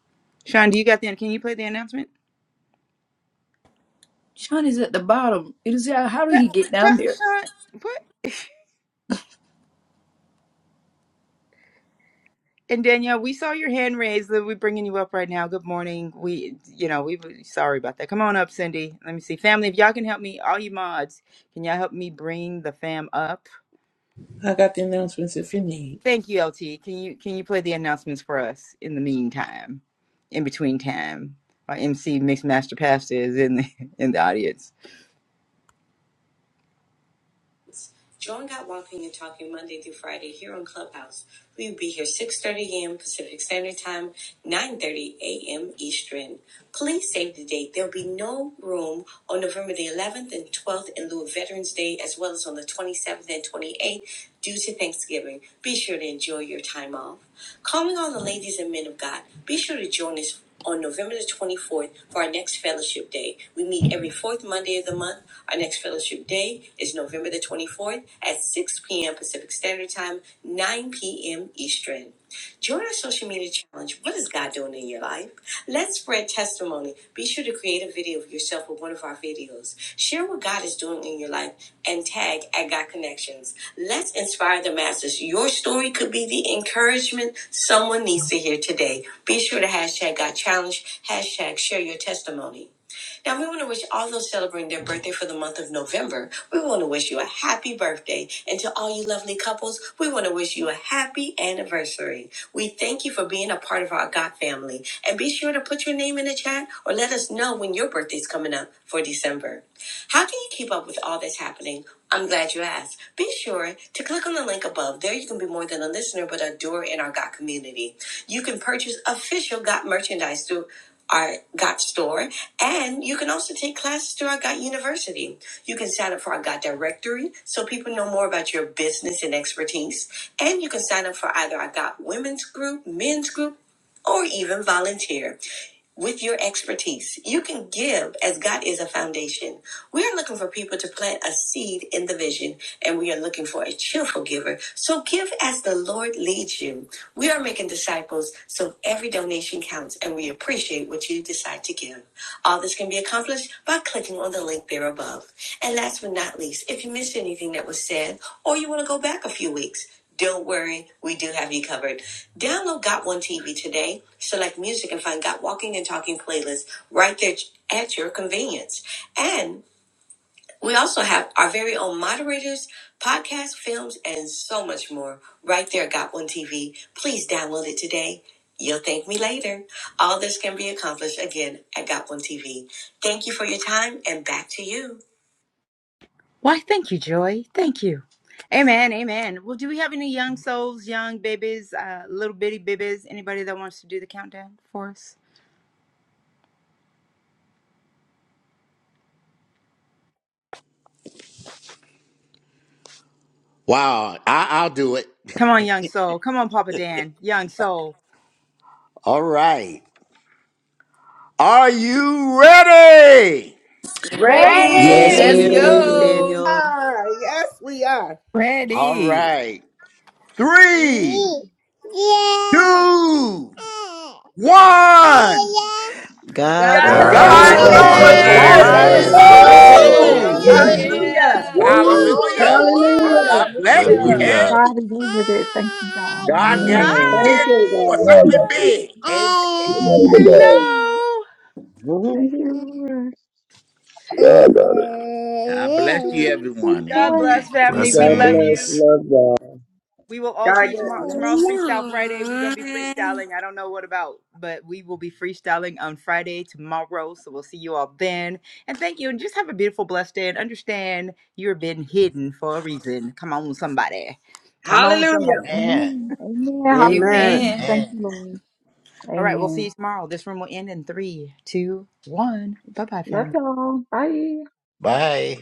Sean, do you got the? Can you play the announcement? Sean is at the bottom. It is uh, how did Yeah, he get Sean, down there? Sean, what? And Danielle, we saw your hand raised. We're bringing you up right now. Good morning. We, you know, we sorry about that. Come on up, Cindy. Let me see, family. If y'all can help me, all you mods, can y'all help me bring the fam up? I got the announcements if you need. Thank you, LT. Can you can you play the announcements for us in the meantime, in between time? Our MC Mixmaster Master Pastor is in the (laughs) in the audience. Join Got Walking and Talking Monday through Friday here on Clubhouse. We'll be here 6.30 a.m. Pacific Standard Time, 9.30 a.m. Eastern. Please save the date. There'll be no room on November the 11th and 12th in lieu of Veterans Day, as well as on the 27th and 28th due to Thanksgiving. Be sure to enjoy your time off. Calling all the ladies and men of God, be sure to join us on November the 24th for our next fellowship day. We meet every fourth Monday of the month. Our next fellowship day is November the 24th at 6 p.m. Pacific Standard Time, 9 p.m. Eastern. Join our social media challenge. What is God doing in your life? Let's spread testimony. Be sure to create a video of yourself with one of our videos. Share what God is doing in your life and tag at God Connections. Let's inspire the masses. Your story could be the encouragement someone needs to hear today. Be sure to hashtag got challenged, hashtag share your testimony. Now, we want to wish all those celebrating their birthday for the month of November, we want to wish you a happy birthday. And to all you lovely couples, we want to wish you a happy anniversary. We thank you for being a part of our God family. And be sure to put your name in the chat or let us know when your birthday's coming up for December. How can you keep up with all that's happening? I'm glad you asked. Be sure to click on the link above. There you can be more than a listener, but a doer in our GOT community. You can purchase official GOT merchandise through our GOT store and you can also take classes through our Got University. You can sign up for our Got Directory so people know more about your business and expertise. And you can sign up for either our Got Women's Group, Men's Group, or even volunteer with your expertise. You can give as God is a foundation. We are looking for people to plant a seed in the vision, and we are looking for a cheerful giver. So give as the Lord leads you. We are making disciples, so every donation counts, and we appreciate what you decide to give. All this can be accomplished by clicking on the link there above. And last but not least, if you missed anything that was said, or you want to go back a few weeks, don't worry, we do have you covered. Download Got One TV today, select music, and find Got Walking and Talking playlists right there at your convenience. And we also have our very own moderators, podcasts, films, and so much more right there at Got One TV. Please download it today. You'll thank me later. All this can be accomplished again at Got One TV. Thank you for your time and back to you. Why? Thank you, Joy. Thank you. Amen. Amen. Well, do we have any young souls, young babies, uh, little bitty babies? Anybody that wants to do the countdown for us? Wow, I, I'll do it. Come on, young soul. Come on, Papa Dan. Young soul. All right. Are you ready? Ready? Yes, Ready? Let's we're Ready. ready, Ready. Hallelujah. go. Daniel. are. Yes, we are. All Ready. right. Three, Yeah. two, one. God's God's over Over God Guys, God's is over God's this. God's That's God, over God, over over over this. for over the God over this. this. this. is God there. is this. Hallelujah. this. Hallelujah. over this. Thank Woo! you, Yeah, this. Woo! yeah, Hallelujah. (laughs) glory, Jesus. God, Hallelujah. Hallelujah. Woo, yeah. Father. woo, Woo. woo, woo, Hallelujah. woo. God bless for you. Hallelujah. the Hallelujah. Hey, God is over this. Thank you, God. God got Hallelujah. you Thank here Hi. for you, glory, God, something God, for Bye. big. Amen. the Thank you, glory, Jesus. God, Hello. Thank Amen. you, Lord. God, God, God bless Such you, a sweet everyone. God voice. Amen. bless family. We God love bless. you. Blessings. Love God. We will God. all God see you tomorrow. Tomorrow's bless. Freestyle Friday. We're gonna be freestyling. I don't know what about, but we will be freestyling on Friday tomorrow. So we'll see you all then. And thank you. And just have a beautiful, blessed day. And understand you're been hidden for a reason. Come on, somebody. Come on, Hallelujah. somebody. Amen. Amen. Amen. Amen. Hallelujah. Amen. Thank Amen. you, Lord. All right, we'll see Amen. you tomorrow. This room will end in three, two, one. Bye bye, Love family. y'all. Bye. Bye.